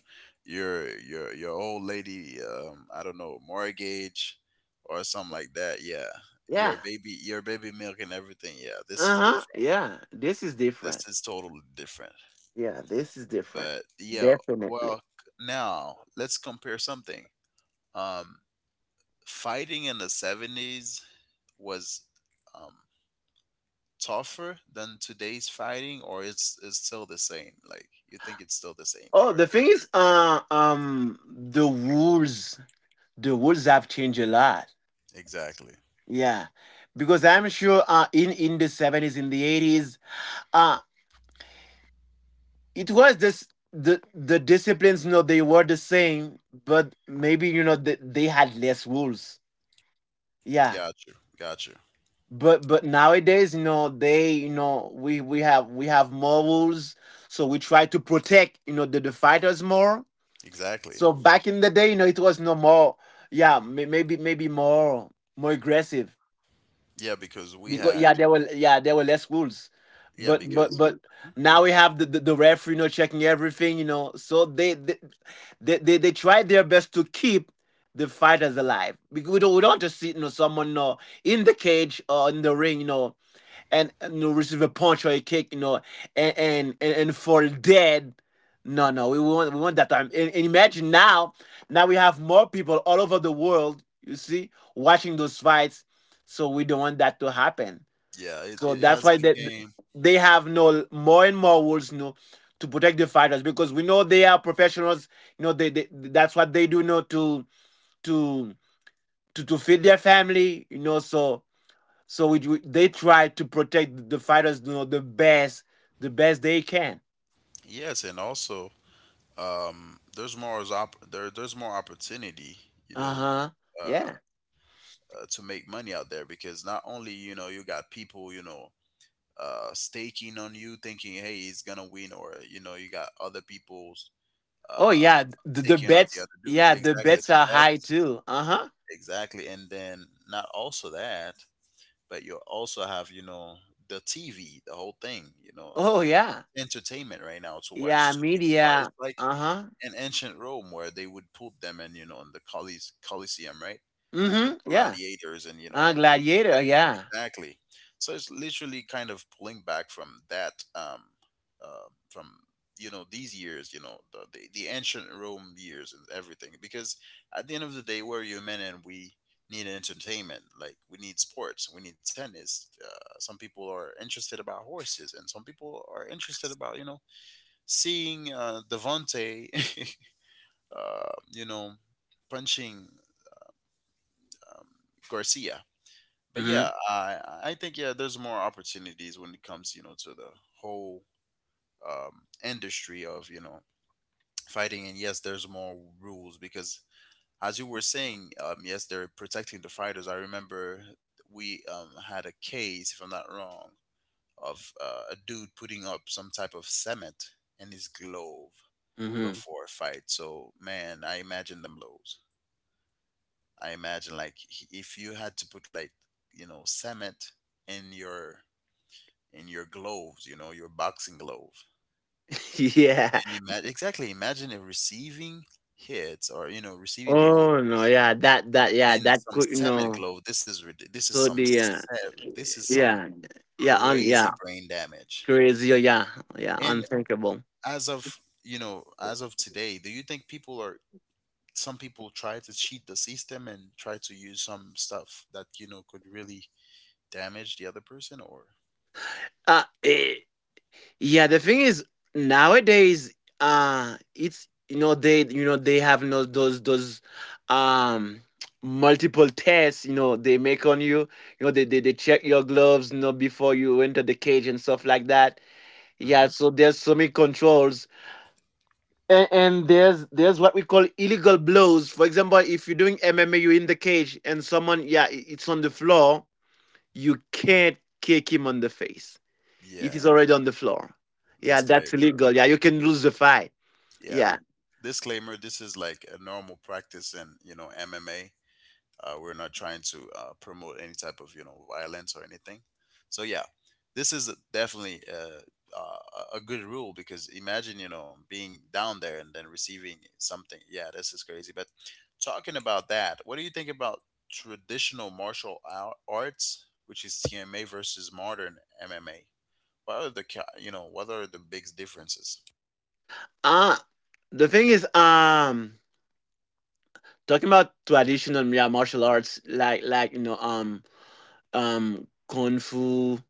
[SPEAKER 1] your your your old lady, um, I don't know, mortgage or something like that. Yeah,
[SPEAKER 2] yeah,
[SPEAKER 1] your baby, your baby milk and everything. Yeah, this is
[SPEAKER 2] uh-huh,
[SPEAKER 1] different.
[SPEAKER 2] yeah, this is different.
[SPEAKER 1] This is totally different.
[SPEAKER 2] Yeah, this is different.
[SPEAKER 1] But yeah,
[SPEAKER 2] Definitely.
[SPEAKER 1] well, c- now let's compare something. Um, fighting in the seventies was um tougher than today's fighting, or it's it's still the same. Like, you think it's still the same,
[SPEAKER 2] Oh,
[SPEAKER 1] or
[SPEAKER 2] the
[SPEAKER 1] they're—
[SPEAKER 2] thing is, uh, um, the rules, the rules have changed a lot.
[SPEAKER 1] exactly.
[SPEAKER 2] Yeah, because I'm sure, uh, in in the seventies, in the eighties, uh, it was this the the disciplines, you know, they were the same, but maybe, you know, they, they had less rules. Yeah,
[SPEAKER 1] Got you. Got you.
[SPEAKER 2] but but nowadays, you know, they, you know, we we have we have more rules, so we try to protect, you know, the the fighters more.
[SPEAKER 1] Exactly.
[SPEAKER 2] So back in the day, you know, it was no more. Yeah, may- maybe maybe more, more aggressive
[SPEAKER 1] Yeah, because we
[SPEAKER 2] because,
[SPEAKER 1] had.
[SPEAKER 2] yeah, there were yeah there were less rules,
[SPEAKER 1] Yeah,
[SPEAKER 2] but yeah, but
[SPEAKER 1] because.
[SPEAKER 2] but
[SPEAKER 1] Mhm.
[SPEAKER 2] now we have the, the the referee, you know, checking everything, you know. So they they they they, they tried their best to keep the fighters alive because we don't we don't want to see, you know, someone, you know, in the cage or in the ring, you know, and, and you know, receive a punch or a kick, you know, and and and, and for dead. No, no, we want we want that time. And, and imagine now, now we have more people all over the world, you see, watching those fights. So we don't want that to happen.
[SPEAKER 1] Yeah, it,
[SPEAKER 2] So
[SPEAKER 1] it
[SPEAKER 2] that's
[SPEAKER 1] has
[SPEAKER 2] why they
[SPEAKER 1] became.
[SPEAKER 2] they have no more and more rules, you know, to protect the fighters because we know they are professionals. You know, they, they that's what they do, you know, to to to to feed their family. You know, so so we, they try to protect the fighters, you know, the best, the best they can.
[SPEAKER 1] Yes, and also um, there's more as op- there there's more opportunity. You
[SPEAKER 2] Uh
[SPEAKER 1] know,
[SPEAKER 2] huh.
[SPEAKER 1] uh,
[SPEAKER 2] Yeah.
[SPEAKER 1] uh, to make money out there because not only, you know, you got people, you know, uh, staking on you thinking, hey, he's gonna win, or you know, you got other people's
[SPEAKER 2] Oh
[SPEAKER 1] uh,
[SPEAKER 2] yeah. The, the
[SPEAKER 1] staking on the
[SPEAKER 2] bets.
[SPEAKER 1] other dude.
[SPEAKER 2] Yeah, the
[SPEAKER 1] Exactly,
[SPEAKER 2] bets
[SPEAKER 1] the
[SPEAKER 2] are high
[SPEAKER 1] bets,
[SPEAKER 2] too. Uh huh.
[SPEAKER 1] exactly. And then not also that, but you also have, you know, the T V, the whole thing. You know,
[SPEAKER 2] Oh yeah.
[SPEAKER 1] entertainment right now to
[SPEAKER 2] Yeah.
[SPEAKER 1] watch two people fight.
[SPEAKER 2] Media.
[SPEAKER 1] It's like
[SPEAKER 2] Uh huh.
[SPEAKER 1] in ancient Rome where they would put them in, you know, in the Colise- Coliseum, right?
[SPEAKER 2] Mm hmm.
[SPEAKER 1] And
[SPEAKER 2] Yeah.
[SPEAKER 1] gladiators and, you
[SPEAKER 2] Uh,
[SPEAKER 1] know, they would watch.
[SPEAKER 2] gladiator. Yeah.
[SPEAKER 1] Exactly. So it's literally kind of pulling back from that, um um from, you know, these years, you know, the, the the ancient Rome years and everything, because at the end of the day, we're human and we need entertainment. Like, we need sports, we need tennis, uh, some people are interested about horses, and some people are interested about, you know, seeing, uh, Devonte, uh, you know, punching, um, Garcia. But
[SPEAKER 2] Mm
[SPEAKER 1] yeah, I I think yeah, there's more opportunities when it comes, you know, to the whole, um, industry of, you know, fighting. And yes, there's more rules because, as you were saying, um, yes, they're protecting the fighters. I remember we, um, had a case, if I'm not wrong, of uh, a dude putting up some type of cement in his glove
[SPEAKER 2] hmm. Mm
[SPEAKER 1] before a fight. So man, I imagine them blows. I imagine like, h- if you had to put like, you know, cement in your in your gloves, you know, your boxing glove.
[SPEAKER 2] hmm. Yeah.
[SPEAKER 1] And ima- exactly, imagine a receiving hits or, you know, receiving blows
[SPEAKER 2] Oh no. Yeah. That. That. Yeah.
[SPEAKER 1] and
[SPEAKER 2] That
[SPEAKER 1] some
[SPEAKER 2] could. You
[SPEAKER 1] cement
[SPEAKER 2] know.
[SPEAKER 1] glove. This is rid- this is
[SPEAKER 2] So
[SPEAKER 1] some
[SPEAKER 2] the. Uh,
[SPEAKER 1] se- this is some
[SPEAKER 2] yeah. Yeah. Un, yeah.
[SPEAKER 1] crazy brain damage.
[SPEAKER 2] Crazy. Yeah. Yeah.
[SPEAKER 1] And
[SPEAKER 2] Unthinkable.
[SPEAKER 1] as of, you know, as of today, do you think people are, some people try to cheat the system and try to use some stuff that, you know, could really damage the other person, or?
[SPEAKER 2] Uh, eh, yeah, the thing is nowadays, uh, it's, you know, they, you know, they have no those those um multiple tests, you know, they make on you. You know, they they, they check your gloves, you know, before you enter the cage and stuff like that. Yeah,
[SPEAKER 1] Hmm.
[SPEAKER 2] so there's so many controls. and, and there's there's what we call illegal blows. For example, if you're doing M M A, you're in the cage and someone, yeah, i- it's on the floor. You can't kick him on the face if he's
[SPEAKER 1] Yeah,
[SPEAKER 2] already on the floor. Yeah, that's
[SPEAKER 1] disclaimer.
[SPEAKER 2] illegal. Yeah, you can lose the fight.
[SPEAKER 1] Yeah.
[SPEAKER 2] Yeah.
[SPEAKER 1] Disclaimer: This is like a normal practice in, you know, M M A. Uh, we're not trying to uh, promote any type of, you know, violence or anything. So yeah, this is definitely a, uh, a good rule, because imagine, you know, being down there and then receiving something. Yeah, this is crazy. But talking about that, what do you think about traditional martial ar- arts, which is T M A, versus modern M M A? What are the ca- you know, what are the big differences?
[SPEAKER 2] Uh the thing is, um, talking about traditional, yeah, martial arts, like like you know, um, um, kung fu,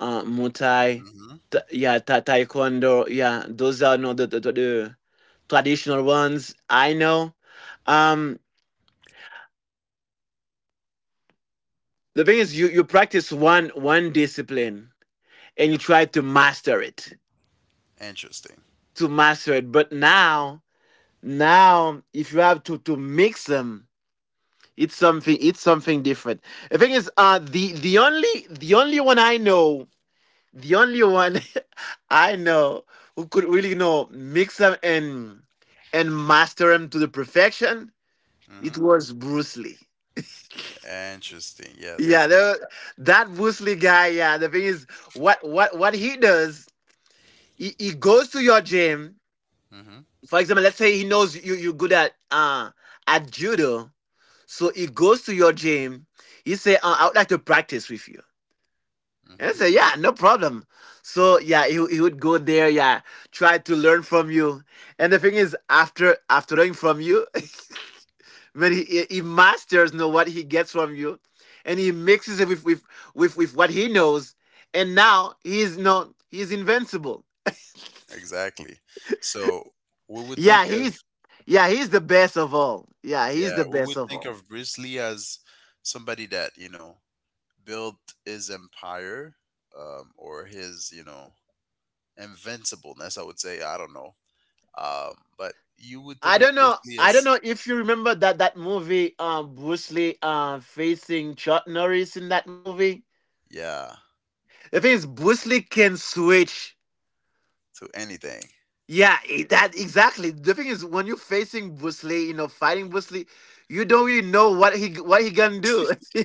[SPEAKER 2] uh, muay
[SPEAKER 1] Hmm.
[SPEAKER 2] ta- yeah, ta- taekwondo. Yeah, those are not the the the traditional ones I know. Um, the thing is, you you practice one one discipline and you try to master it,
[SPEAKER 1] Interesting.
[SPEAKER 2] to master it. But now, now, if you have to to mix them, it's something it's something different. The thing is, uh, the the only the only one I know. The only one I know who could really you know mix them and and master them to the perfection, it
[SPEAKER 1] Mm-hmm.
[SPEAKER 2] was Bruce Lee.
[SPEAKER 1] Interesting. Yeah,
[SPEAKER 2] Yeah,
[SPEAKER 1] this
[SPEAKER 2] the, that Bruce Lee guy. Yeah, the thing is, what what what he does, he, he goes to your gym.
[SPEAKER 1] guy. Mm-hmm.
[SPEAKER 2] For example, let's say he knows you you're good at uh at judo, so he goes to your gym. He say, uh, "I would like to practice with you." And I
[SPEAKER 1] Mm-hmm.
[SPEAKER 2] said, yeah, no problem. So yeah, he, he would go there, yeah, try to learn from you. And the thing is, after after learning from you, when he he masters you know what he gets from you, and he mixes it with with with, with what he knows, and now he's no he's invincible.
[SPEAKER 1] Exactly. So we would
[SPEAKER 2] Yeah,
[SPEAKER 1] think of,
[SPEAKER 2] he's yeah, he's the best of all. Yeah, he's the
[SPEAKER 1] yeah, we
[SPEAKER 2] best
[SPEAKER 1] would
[SPEAKER 2] of
[SPEAKER 1] think
[SPEAKER 2] all.
[SPEAKER 1] of Bruce Lee as somebody that, you know, built his empire, um, or his, you know, invincibleness, I would say, I don't know. Um, but you would think
[SPEAKER 2] I don't
[SPEAKER 1] of
[SPEAKER 2] know.
[SPEAKER 1] Bruce Lee
[SPEAKER 2] I don't
[SPEAKER 1] as,
[SPEAKER 2] know if you remember that that movie, um, Bruce Lee, uh, facing Chuck Norris in that movie.
[SPEAKER 1] yeah,
[SPEAKER 2] The thing is, Bruce Lee can switch.
[SPEAKER 1] to anything.
[SPEAKER 2] Yeah, that exactly. The thing is, when you're facing Bruce Lee, you know, fighting Bruce Lee, you don't really know what he what he gonna do.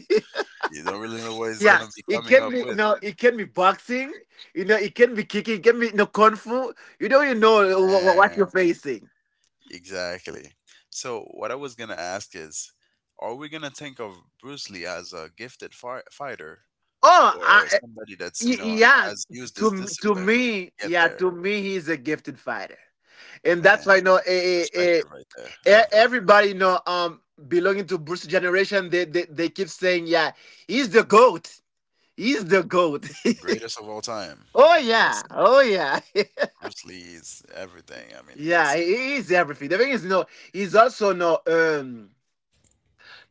[SPEAKER 1] You don't really know what he's
[SPEAKER 2] Yeah,
[SPEAKER 1] gonna be
[SPEAKER 2] it
[SPEAKER 1] coming
[SPEAKER 2] can
[SPEAKER 1] up
[SPEAKER 2] be
[SPEAKER 1] with.
[SPEAKER 2] no, it can be boxing. You know, it can be kicking. It can be no kung fu. You don't even know what, what you're facing.
[SPEAKER 1] Exactly. So, what I was going to ask is, are we going to think of Bruce Lee as a gifted fi- fighter,
[SPEAKER 2] Oh,
[SPEAKER 1] or
[SPEAKER 2] I,
[SPEAKER 1] somebody that's, you
[SPEAKER 2] y-
[SPEAKER 1] know,
[SPEAKER 2] yeah.
[SPEAKER 1] has used his
[SPEAKER 2] To to
[SPEAKER 1] discipline
[SPEAKER 2] me,
[SPEAKER 1] to get
[SPEAKER 2] yeah,
[SPEAKER 1] there?
[SPEAKER 2] to me, he's a gifted fighter, and that's why
[SPEAKER 1] Man,
[SPEAKER 2] no, know, eh, eh, eh,
[SPEAKER 1] perspective right there. I
[SPEAKER 2] E-
[SPEAKER 1] love that.
[SPEAKER 2] everybody know um belonging to Bruce generation they, they they keep saying yeah he's the goat, he's the goat.
[SPEAKER 1] Greatest of all time.
[SPEAKER 2] Oh
[SPEAKER 1] Yes.
[SPEAKER 2] yeah, oh yeah.
[SPEAKER 1] Bruce Lee is everything. I mean,
[SPEAKER 2] Yeah,
[SPEAKER 1] yes.
[SPEAKER 2] he he is everything. The thing is, you know, he's also no um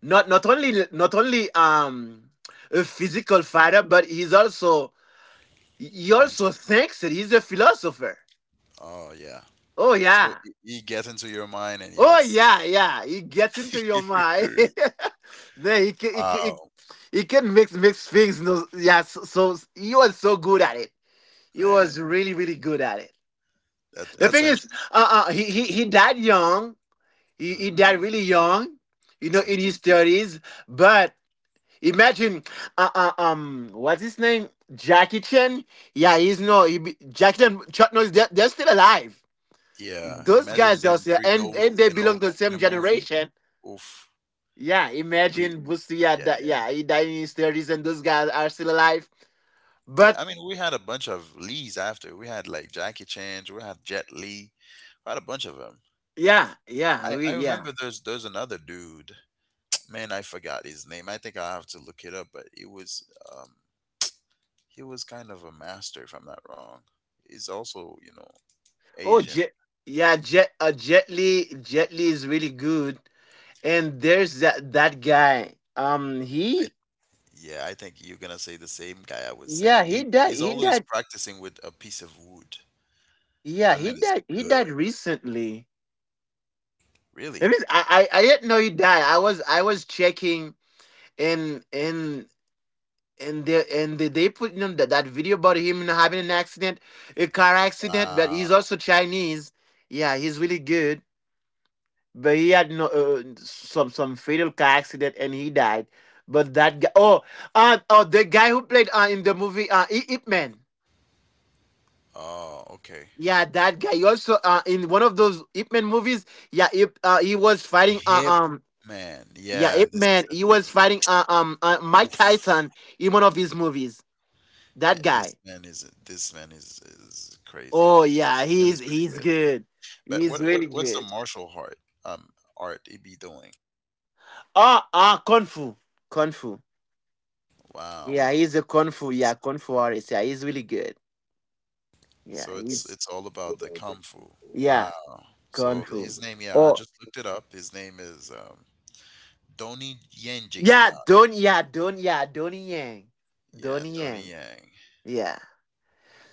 [SPEAKER 2] not not only not only um a physical fighter, but he's also, he
[SPEAKER 1] Mental?
[SPEAKER 2] also thinks that he's a philosopher.
[SPEAKER 1] Oh, yeah.
[SPEAKER 2] Oh
[SPEAKER 1] So,
[SPEAKER 2] yeah,
[SPEAKER 1] he he gets into your mind, and
[SPEAKER 2] oh
[SPEAKER 1] yes.
[SPEAKER 2] yeah, yeah, he gets into your mind. Then he, ca- he, ca- he,
[SPEAKER 1] Wow,
[SPEAKER 2] you can mix mix things. No, yeah. So, so you was so good at it. You
[SPEAKER 1] man.
[SPEAKER 2] was really really good at it.
[SPEAKER 1] That,
[SPEAKER 2] The
[SPEAKER 1] that's
[SPEAKER 2] thing is, uh, uh he, he he died young. He he
[SPEAKER 1] interesting.
[SPEAKER 2] died really young. You know,
[SPEAKER 1] Hmm.
[SPEAKER 2] in his thirties. But imagine, uh, uh um, what's his name? Jackie Chan. Yeah, he's no. He be, Jackie Chan, Chuck Norris. They're, they're still alive.
[SPEAKER 1] Yeah,
[SPEAKER 2] Those
[SPEAKER 1] imagine
[SPEAKER 2] guys
[SPEAKER 1] them
[SPEAKER 2] are still,
[SPEAKER 1] three
[SPEAKER 2] and and
[SPEAKER 1] goats,
[SPEAKER 2] they
[SPEAKER 1] you
[SPEAKER 2] belong
[SPEAKER 1] know,
[SPEAKER 2] to the
[SPEAKER 1] in a
[SPEAKER 2] same
[SPEAKER 1] movie.
[SPEAKER 2] generation.
[SPEAKER 1] Oof,
[SPEAKER 2] Yeah,
[SPEAKER 1] three.
[SPEAKER 2] imagine Boosie. Yeah,
[SPEAKER 1] Yeah,
[SPEAKER 2] that, yeah, he died in his thirties, and those guys are still alive.
[SPEAKER 1] yeah.
[SPEAKER 2] But
[SPEAKER 1] I mean, we had a bunch of Lees after. We had like Jackie Chan. We had Jet Li. We had a bunch of them.
[SPEAKER 2] yeah, yeah,
[SPEAKER 1] I
[SPEAKER 2] we
[SPEAKER 1] I
[SPEAKER 2] yeah.
[SPEAKER 1] remember there's there's another dude. Man, I forgot his name. I think I have to look it up. But he was, um he was kind of a master, if I'm not wrong. He's also, you know,
[SPEAKER 2] Oh,
[SPEAKER 1] Asian.
[SPEAKER 2] Jet, yeah, Jet, uh, Jet Li, Jet Li is really good. And there's that that guy. Um,
[SPEAKER 1] I,
[SPEAKER 2] he,
[SPEAKER 1] yeah, I think you're gonna say the same guy I was
[SPEAKER 2] yeah,
[SPEAKER 1] saying.
[SPEAKER 2] he
[SPEAKER 1] He,
[SPEAKER 2] died.
[SPEAKER 1] he's
[SPEAKER 2] He
[SPEAKER 1] always
[SPEAKER 2] died.
[SPEAKER 1] practicing with a piece of wood.
[SPEAKER 2] Yeah,
[SPEAKER 1] I mean,
[SPEAKER 2] he
[SPEAKER 1] it's
[SPEAKER 2] died. He
[SPEAKER 1] good.
[SPEAKER 2] died recently. It
[SPEAKER 1] Really?
[SPEAKER 2] is, I, I, I didn't know he died. I was, I was checking, and and and they and they, they put you know, that that video about him having an accident, a car accident. But
[SPEAKER 1] Wow.
[SPEAKER 2] he's also Chinese. Yeah, he's really good. But he had no uh, some some fatal car accident and he died. But that guy, oh, uh, oh, the guy who played uh, in the movie uh, I- Ip Man,
[SPEAKER 1] Oh, okay.
[SPEAKER 2] yeah, that guy. He also uh, in one of those Ip Man movies, yeah, Ip, uh, he was fighting uh,
[SPEAKER 1] Hip
[SPEAKER 2] um,
[SPEAKER 1] man.
[SPEAKER 2] yeah,
[SPEAKER 1] Yeah,
[SPEAKER 2] Ip
[SPEAKER 1] this is
[SPEAKER 2] Man,
[SPEAKER 1] the
[SPEAKER 2] he was
[SPEAKER 1] dude.
[SPEAKER 2] fighting uh, um, uh, Mike
[SPEAKER 1] Oof,
[SPEAKER 2] Tyson in one of his movies.
[SPEAKER 1] man.
[SPEAKER 2] That
[SPEAKER 1] This
[SPEAKER 2] guy.
[SPEAKER 1] man is this man is is crazy.
[SPEAKER 2] Oh yeah,
[SPEAKER 1] This man
[SPEAKER 2] he's
[SPEAKER 1] is
[SPEAKER 2] he's
[SPEAKER 1] pretty good.
[SPEAKER 2] good.
[SPEAKER 1] But
[SPEAKER 2] He's
[SPEAKER 1] what what
[SPEAKER 2] really
[SPEAKER 1] what's the
[SPEAKER 2] good.
[SPEAKER 1] martial art, um art he be doing?
[SPEAKER 2] Ah ah, kung fu, kung fu.
[SPEAKER 1] Wow.
[SPEAKER 2] Yeah, he's a
[SPEAKER 1] It's,
[SPEAKER 2] kung fu.
[SPEAKER 1] it's,
[SPEAKER 2] Yeah, kung fu artist. Yeah, he's really good. Yeah,
[SPEAKER 1] so it's
[SPEAKER 2] he's
[SPEAKER 1] it's all about the kung fu. Wow.
[SPEAKER 2] yeah,
[SPEAKER 1] So
[SPEAKER 2] control.
[SPEAKER 1] his name, yeah, I
[SPEAKER 2] Oh
[SPEAKER 1] just looked it up. His name is um Donnie Yenji.
[SPEAKER 2] yeah,
[SPEAKER 1] Don.
[SPEAKER 2] Don yeah, Don yeah, Donnie Yang.
[SPEAKER 1] Yeah,
[SPEAKER 2] Donnie
[SPEAKER 1] Donnie
[SPEAKER 2] Yang.
[SPEAKER 1] Yang.
[SPEAKER 2] Yeah.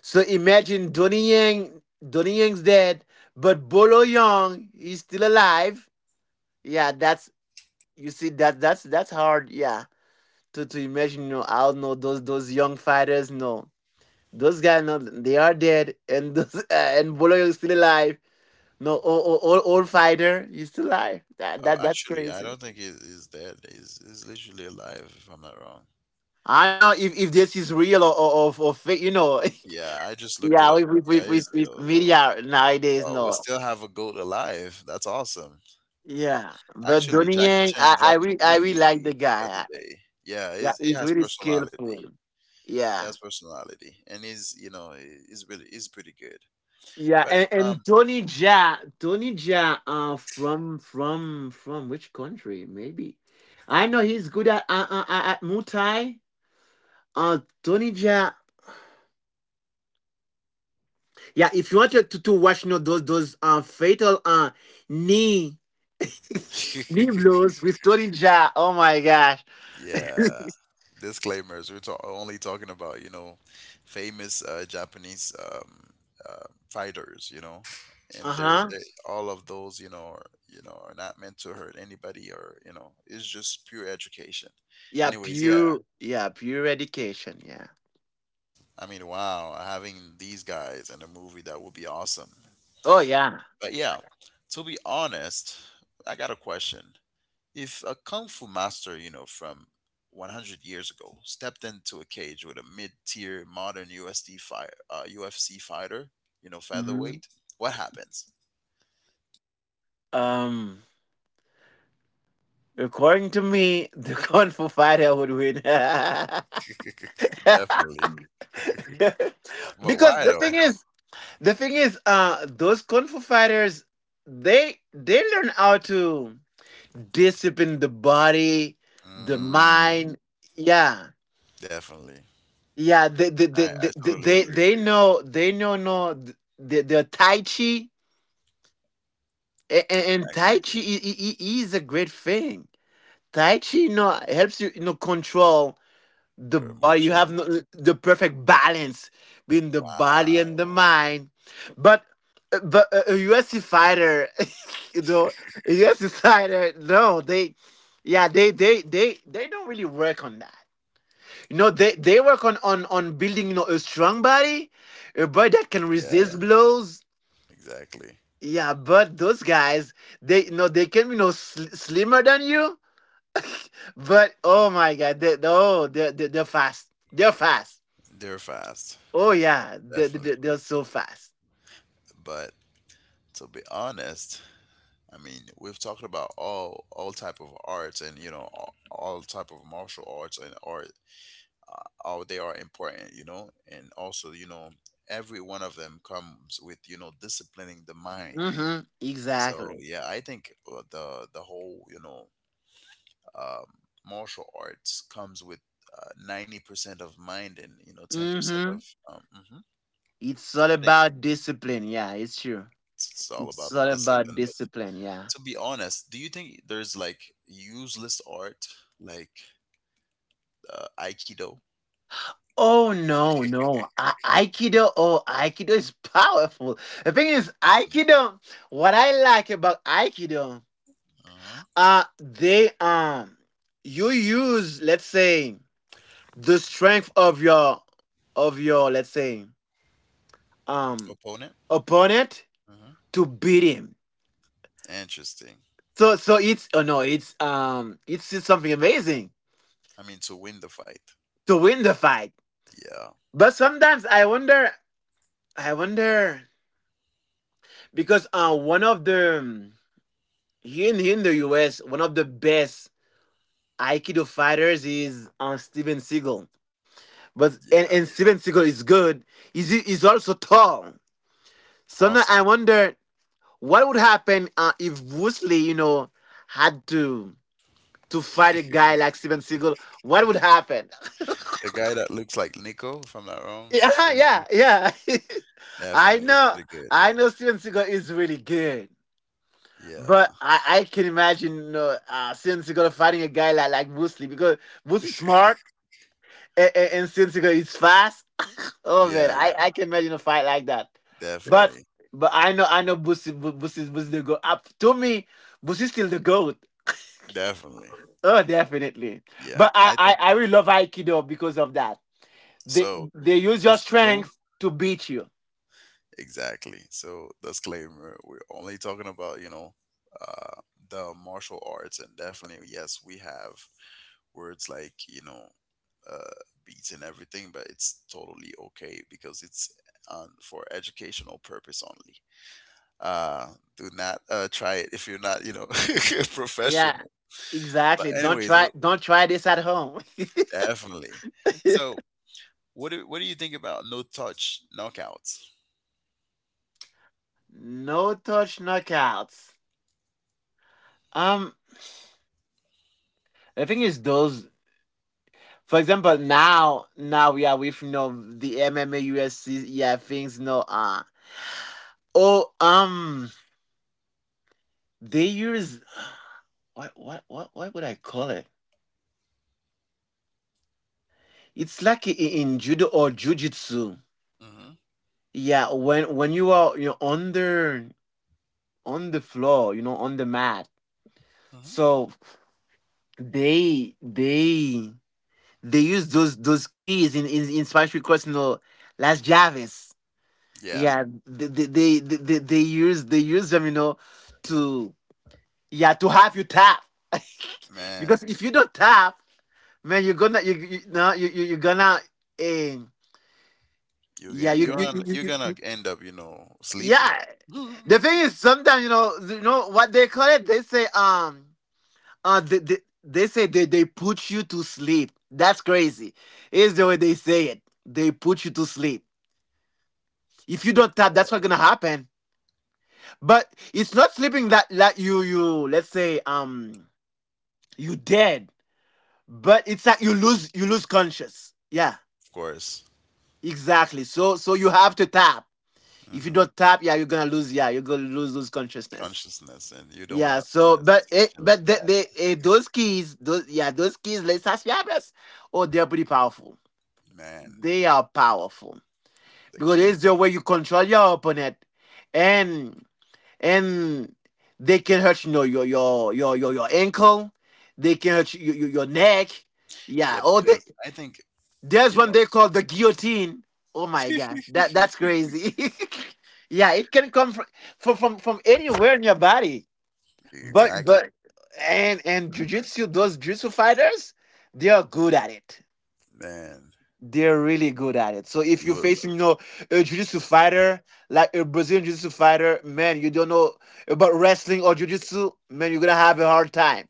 [SPEAKER 2] So imagine Donnie Yang Donnie Yang's dead, but Bolo Young is still alive. Yeah, that's, you see that that's that's hard, yeah. To to imagine, you know, I don't know those those young fighters, no. Those guys no they are dead and those uh, and Bolo Young is still alive. No, old, old, old fighter, he's still alive. That,
[SPEAKER 1] Oh,
[SPEAKER 2] that that's
[SPEAKER 1] actually, I
[SPEAKER 2] crazy.
[SPEAKER 1] don't think he, he's dead. He's he's literally alive, if I'm not wrong.
[SPEAKER 2] I know if, if this is real or, or, or, or fake, you know.
[SPEAKER 1] Yeah, I just looked it
[SPEAKER 2] yeah,
[SPEAKER 1] up.
[SPEAKER 2] with, with,
[SPEAKER 1] Yeah,
[SPEAKER 2] with,
[SPEAKER 1] he's
[SPEAKER 2] with, with
[SPEAKER 1] real.
[SPEAKER 2] media nowadays,
[SPEAKER 1] Oh, we
[SPEAKER 2] no.
[SPEAKER 1] still have a goat alive. That's awesome.
[SPEAKER 2] Yeah, but
[SPEAKER 1] Actually,
[SPEAKER 2] Donnie
[SPEAKER 1] Jackie
[SPEAKER 2] Yang,
[SPEAKER 1] Chan
[SPEAKER 2] I, I
[SPEAKER 1] dropped a
[SPEAKER 2] really I really
[SPEAKER 1] movie
[SPEAKER 2] like the
[SPEAKER 1] the other
[SPEAKER 2] guy.
[SPEAKER 1] day. Yeah,
[SPEAKER 2] Yeah,
[SPEAKER 1] he's, he
[SPEAKER 2] he's
[SPEAKER 1] has
[SPEAKER 2] really
[SPEAKER 1] personality.
[SPEAKER 2] skillful.
[SPEAKER 1] He
[SPEAKER 2] Yeah,
[SPEAKER 1] has personality, and he's, you know, he- he's really he's pretty good.
[SPEAKER 2] yeah,
[SPEAKER 1] But
[SPEAKER 2] and,
[SPEAKER 1] um,
[SPEAKER 2] and Tony Ja, Tony Ja, uh, from from from which country? Maybe I know he's good at uh, uh, uh, at Muay Thai. Uh, Tony Ja, yeah. If you want to to, to watch, you know, those those uh fatal uh knee Biblos with Torija. Oh my gosh.
[SPEAKER 1] yeah, disclaimers. We're ta- only talking about, you know, famous uh, Japanese, um, uh, fighters, you know,
[SPEAKER 2] uh
[SPEAKER 1] and they're,
[SPEAKER 2] huh.
[SPEAKER 1] they all of those, you know, are, you know, are not meant to hurt anybody, or, you know, it's just pure education.
[SPEAKER 2] Yeah,
[SPEAKER 1] Anyways, yeah,
[SPEAKER 2] pure. Yeah, pure education. Yeah.
[SPEAKER 1] I mean, wow, having these guys in a movie, that would be awesome.
[SPEAKER 2] Oh yeah.
[SPEAKER 1] But yeah, to be honest, I got a question. If a kung fu master, you know, from one hundred years ago stepped into a cage with a mid-tier modern U S D fire, uh, U F C fighter, you know,
[SPEAKER 2] Hmm.
[SPEAKER 1] featherweight, what happens?
[SPEAKER 2] Um, according to me, the kung fu fighter would win.
[SPEAKER 1] Definitely. But
[SPEAKER 2] Because
[SPEAKER 1] why
[SPEAKER 2] the thing
[SPEAKER 1] though?
[SPEAKER 2] is, the thing is, uh, those kung fu fighters, they they learn how to discipline the body, the
[SPEAKER 1] Mm,
[SPEAKER 2] mind. Yeah.
[SPEAKER 1] definitely.
[SPEAKER 2] Yeah, they they they
[SPEAKER 1] I, I
[SPEAKER 2] they,
[SPEAKER 1] totally
[SPEAKER 2] they,
[SPEAKER 1] agree.
[SPEAKER 2] they know they know no the the Tai Chi and, and
[SPEAKER 1] Exactly.
[SPEAKER 2] Tai Chi i- i- i- is a great thing. Tai Chi you know helps you you know control the
[SPEAKER 1] Your
[SPEAKER 2] body. You have
[SPEAKER 1] emotion?
[SPEAKER 2] no, the perfect balance between the body
[SPEAKER 1] Wow.
[SPEAKER 2] and the mind. But but a, a U F C fighter, you know, a U F C fighter, no, they yeah they they they they don't really work on that. You know, they, they work on, on, on building, you know, a strong body, a body that can resist
[SPEAKER 1] Yeah,
[SPEAKER 2] blows.
[SPEAKER 1] exactly.
[SPEAKER 2] Yeah, but those guys, they, you know, they can, you know, sl- slimmer than you, but oh my God, they, oh, they're, they're, they're fast. They're fast.
[SPEAKER 1] They're fast.
[SPEAKER 2] Oh yeah, they're,
[SPEAKER 1] Definitely.
[SPEAKER 2] they're, they're so fast.
[SPEAKER 1] But to be honest, I mean, we've talked about all all type of arts, and, you know, all, all type of martial arts and art, uh, how they are important, you know, and also, you know, every one of them comes with, you know, disciplining the mind.
[SPEAKER 2] Mm-hmm,
[SPEAKER 1] So
[SPEAKER 2] exactly.
[SPEAKER 1] yeah, I think uh, the the whole, you know, um, martial arts comes with uh, ninety percent of mind, and, you know, ten percent
[SPEAKER 2] Mm-hmm.
[SPEAKER 1] of. Um, mhm.
[SPEAKER 2] It's all
[SPEAKER 1] I think
[SPEAKER 2] about discipline. Yeah, it's true.
[SPEAKER 1] it's, it's all
[SPEAKER 2] It's
[SPEAKER 1] about
[SPEAKER 2] all
[SPEAKER 1] the
[SPEAKER 2] about
[SPEAKER 1] discipline. But
[SPEAKER 2] discipline. Yeah.
[SPEAKER 1] to be honest, do you think there's like useless art? Like uh, Aikido.
[SPEAKER 2] Oh no, no. A- Aikido, oh, Aikido is powerful. The thing is, Aikido, what I like about Aikido,
[SPEAKER 1] Hmm.
[SPEAKER 2] uh they um you use, let's say, the strength of your of your let's say um
[SPEAKER 1] Opponent.
[SPEAKER 2] opponent
[SPEAKER 1] Hmm.
[SPEAKER 2] to beat him.
[SPEAKER 1] Interesting.
[SPEAKER 2] So so it's oh no, it's um it's just something amazing
[SPEAKER 1] I mean, to win the fight.
[SPEAKER 2] to win the fight.
[SPEAKER 1] Yeah,
[SPEAKER 2] But sometimes I wonder, I wonder, because uh one of the, here in, here in the U S, one of the best Aikido fighters is uh, Steven Seagal. But and,
[SPEAKER 1] yeah,
[SPEAKER 2] and Steven Seagal is good. He's, he's also tall. So now
[SPEAKER 1] awesome.
[SPEAKER 2] I wonder what would happen uh, if Bruce Lee, you know, had to to fight a guy like Steven Seagal. What would happen?
[SPEAKER 1] The guy that looks like Nico, if I'm not wrong,
[SPEAKER 2] Yeah,
[SPEAKER 1] Steven Seagal.
[SPEAKER 2] yeah, yeah. I
[SPEAKER 1] Definitely, it's
[SPEAKER 2] know,
[SPEAKER 1] pretty good.
[SPEAKER 2] I know Steven Seagal is really good. But
[SPEAKER 1] Yeah,
[SPEAKER 2] I, I can imagine you know, uh, Steven Seagal fighting a guy like, like Bruce Lee because Bruce is smart and, and Cynthia is fast. Oh man,
[SPEAKER 1] yeah,
[SPEAKER 2] I, I can imagine a fight like that. Yeah. But
[SPEAKER 1] definitely,
[SPEAKER 2] but I know, I know Busi Bu- Busi Busi the goat. Up to me, Busi still the goat.
[SPEAKER 1] definitely.
[SPEAKER 2] Oh, definitely.
[SPEAKER 1] Yeah,
[SPEAKER 2] But I,
[SPEAKER 1] I think
[SPEAKER 2] I I really love Aikido because of that. They
[SPEAKER 1] so.
[SPEAKER 2] they use your
[SPEAKER 1] There's no,
[SPEAKER 2] strength to beat you.
[SPEAKER 1] exactly. So disclaimer: we're only talking about, you know, uh, the martial arts, and definitely yes, we have words like, you know, uh, beats and everything, but it's totally okay because it's on for educational purpose only. Uh, do not uh, try it if you're not, you know,
[SPEAKER 2] Yeah,
[SPEAKER 1] professional. But
[SPEAKER 2] exactly. Don't
[SPEAKER 1] anyways,
[SPEAKER 2] try
[SPEAKER 1] w-
[SPEAKER 2] don't try this at home.
[SPEAKER 1] definitely. So what do what do you think about no touch knockouts?
[SPEAKER 2] No touch knockouts. Um, the thing is, those, for example, now, now we are with, you know, the M M A, U F C, yeah, things, you know, uh, oh, um, they use, what, what, what, what would I call it? It's like i- in judo or jujitsu.
[SPEAKER 1] Hmm.
[SPEAKER 2] Yeah, when, when you are, you know, under, on the floor, you know, on the mat.
[SPEAKER 1] Hmm.
[SPEAKER 2] So they, they, they use those, those keys in, in, in Spanish because, you know, Las Javes.
[SPEAKER 1] Yeah,
[SPEAKER 2] Yeah, they they they, they, they use they use them, you know, to yeah to have you tap.
[SPEAKER 1] man,
[SPEAKER 2] Because if you don't tap, man, you're gonna you you no you you you're gonna um.
[SPEAKER 1] you
[SPEAKER 2] Yeah,
[SPEAKER 1] get
[SPEAKER 2] you
[SPEAKER 1] you're
[SPEAKER 2] you,
[SPEAKER 1] on,
[SPEAKER 2] you,
[SPEAKER 1] you're
[SPEAKER 2] you you-
[SPEAKER 1] gonna end up, you know, sleepy.
[SPEAKER 2] yeah. The thing is, sometimes you know, you know what they call it. They say um uh they they, they say they they put you to sleep. That's crazy. Is the way they say it. They put you to sleep. If you don't tap, that's what's
[SPEAKER 1] Yeah,
[SPEAKER 2] gonna happen. But it's not sleeping, that that you you let's say um you dead, but it's that you lose, you lose conscious. Yeah,
[SPEAKER 1] of course.
[SPEAKER 2] exactly. So so you have to tap. If you
[SPEAKER 1] Hmm.
[SPEAKER 2] don't tap, yeah, you're gonna lose. Yeah, you're gonna lose lose consciousness.
[SPEAKER 1] Consciousness, and you don't want
[SPEAKER 2] Yeah.
[SPEAKER 1] to be in
[SPEAKER 2] So
[SPEAKER 1] a
[SPEAKER 2] but it
[SPEAKER 1] situation like.
[SPEAKER 2] but they the eh, those keys those yeah those keys les fiables. Oh, they're pretty powerful.
[SPEAKER 1] Man,
[SPEAKER 2] They are powerful
[SPEAKER 1] the
[SPEAKER 2] because it's
[SPEAKER 1] keys.
[SPEAKER 2] the way you control your opponent, and and they can hurt you know your your your your your ankle. They can hurt you, your your neck. Yeah.
[SPEAKER 1] Yeah,
[SPEAKER 2] Oh, they,
[SPEAKER 1] because I think,
[SPEAKER 2] there's
[SPEAKER 1] you
[SPEAKER 2] one
[SPEAKER 1] know,
[SPEAKER 2] they call the guillotine. Oh my gosh, that that's crazy. yeah, it can come from from from, from anywhere in your body. But
[SPEAKER 1] exactly.
[SPEAKER 2] but and and jujitsu, those jujitsu fighters, they are good at it,
[SPEAKER 1] Man,
[SPEAKER 2] they're really good at it. So if
[SPEAKER 1] you
[SPEAKER 2] you're
[SPEAKER 1] will.
[SPEAKER 2] facing, you know, a jiu-jitsu fighter, like a Brazilian jiu-jitsu fighter, man, you don't know about wrestling or
[SPEAKER 1] Yeah.
[SPEAKER 2] jiu-jitsu, man, you're gonna have a hard time.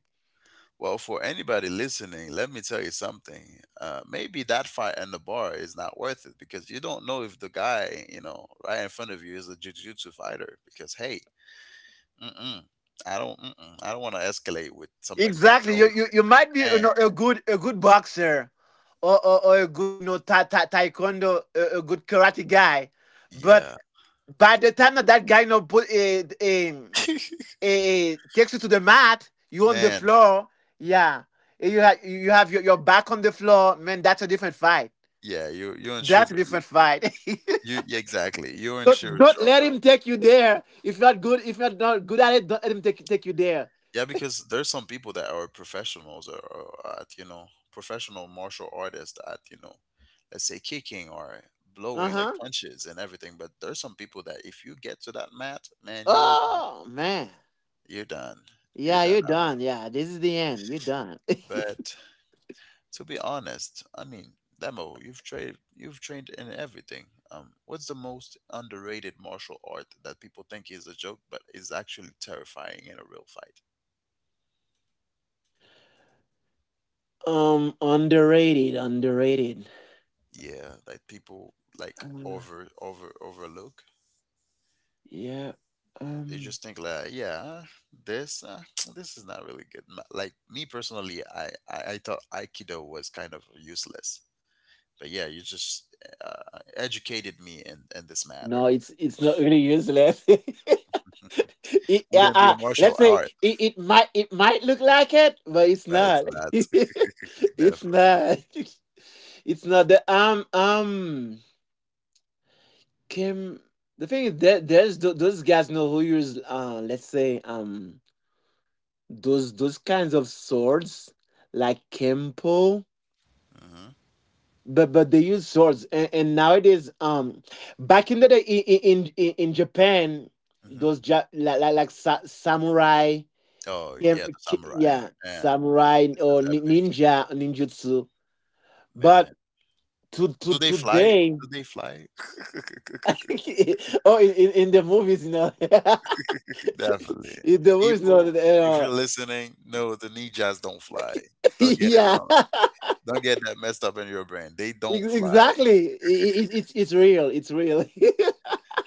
[SPEAKER 1] Well, for anybody listening, let me tell you something. Uh, maybe that fight in the bar is not worth it because you don't know if the guy, you know, right in front of you is a jiu-jitsu fighter. Because hey, mm-mm, I don't, mm-mm, I don't want to escalate with somebody that
[SPEAKER 2] Exactly. You
[SPEAKER 1] knows.
[SPEAKER 2] you,
[SPEAKER 1] The
[SPEAKER 2] you might be, you
[SPEAKER 1] man,
[SPEAKER 2] know, a good a good boxer, or or, or a good no ta- ta- taekwondo, a, a good karate guy, but
[SPEAKER 1] yeah,
[SPEAKER 2] by the time that that guy you know, put a, a, a, takes you to the mat, you on the
[SPEAKER 1] man,
[SPEAKER 2] floor, yeah, you have you have your, your back on the floor, man. That's a different fight.
[SPEAKER 1] yeah. You you in sure
[SPEAKER 2] That's a different fight.
[SPEAKER 1] you, yeah, exactly. You're in
[SPEAKER 2] don't,
[SPEAKER 1] sure
[SPEAKER 2] don't let
[SPEAKER 1] trouble.
[SPEAKER 2] him take you there. If you're not good, if you're not good at it, don't let him take take you there.
[SPEAKER 1] Yeah, because there's some people that are professionals, or, or at, you know, professional martial artists at, you know, let's say, kicking or
[SPEAKER 2] Uh
[SPEAKER 1] blowing like
[SPEAKER 2] huh.
[SPEAKER 1] punches and everything. But there's some people that if you get to that mat, man, you're done.
[SPEAKER 2] Oh man.
[SPEAKER 1] You're done. You're
[SPEAKER 2] Yeah, you're
[SPEAKER 1] done out.
[SPEAKER 2] done. Yeah, this is the end. You're done.
[SPEAKER 1] But to be honest, I mean, Demo, you've trained you've trained in everything. Um, what's the most underrated martial art that people think is a joke but is actually terrifying in a real fight?
[SPEAKER 2] um, underrated, underrated.
[SPEAKER 1] Yeah, that people like
[SPEAKER 2] Uh,
[SPEAKER 1] over over overlook.
[SPEAKER 2] yeah.
[SPEAKER 1] They
[SPEAKER 2] Um.
[SPEAKER 1] just think like, yeah, this, uh, this is not really good. Ma- like, me personally, I, I i thought Aikido was kind of useless, but yeah, you just uh, educated me in in this matter.
[SPEAKER 2] No, it's it's not really useless. it, uh,
[SPEAKER 1] Wouldn't be a
[SPEAKER 2] uh,
[SPEAKER 1] martial
[SPEAKER 2] let's say
[SPEAKER 1] art,
[SPEAKER 2] it, it might, it might look like it, but it's
[SPEAKER 1] but it's
[SPEAKER 2] not.
[SPEAKER 1] not.
[SPEAKER 2] It's
[SPEAKER 1] Definitely.
[SPEAKER 2] not. It's not the um um. Kim, the thing is that there's tho- those guys know who use, uh let's say, um those those kinds of swords like kempo,
[SPEAKER 1] Hmm.
[SPEAKER 2] but but they use swords, and, and nowadays, um back in the day in in in, in Japan,
[SPEAKER 1] Hmm.
[SPEAKER 2] those ja- like, like, like sa- samurai,
[SPEAKER 1] Oh yeah,
[SPEAKER 2] kem-
[SPEAKER 1] the
[SPEAKER 2] ki-
[SPEAKER 1] samurai.
[SPEAKER 2] yeah,
[SPEAKER 1] Man,
[SPEAKER 2] samurai
[SPEAKER 1] this
[SPEAKER 2] or
[SPEAKER 1] is
[SPEAKER 2] nin-
[SPEAKER 1] epic.
[SPEAKER 2] ninja, ninjutsu, but
[SPEAKER 1] Man,
[SPEAKER 2] to to
[SPEAKER 1] do they fly?
[SPEAKER 2] today.
[SPEAKER 1] Do they fly?
[SPEAKER 2] Oh, in, in in the movies, you know.
[SPEAKER 1] Definitely.
[SPEAKER 2] It- the voice
[SPEAKER 1] People,
[SPEAKER 2] note,
[SPEAKER 1] if
[SPEAKER 2] uh,
[SPEAKER 1] you're listening, no, the ninjas don't fly. Don't get it
[SPEAKER 2] yeah,
[SPEAKER 1] wrong. Don't get that messed up in your brain. They
[SPEAKER 2] Ex-
[SPEAKER 1] don't fly.
[SPEAKER 2] exactly. I- i- it's it's real. It's real.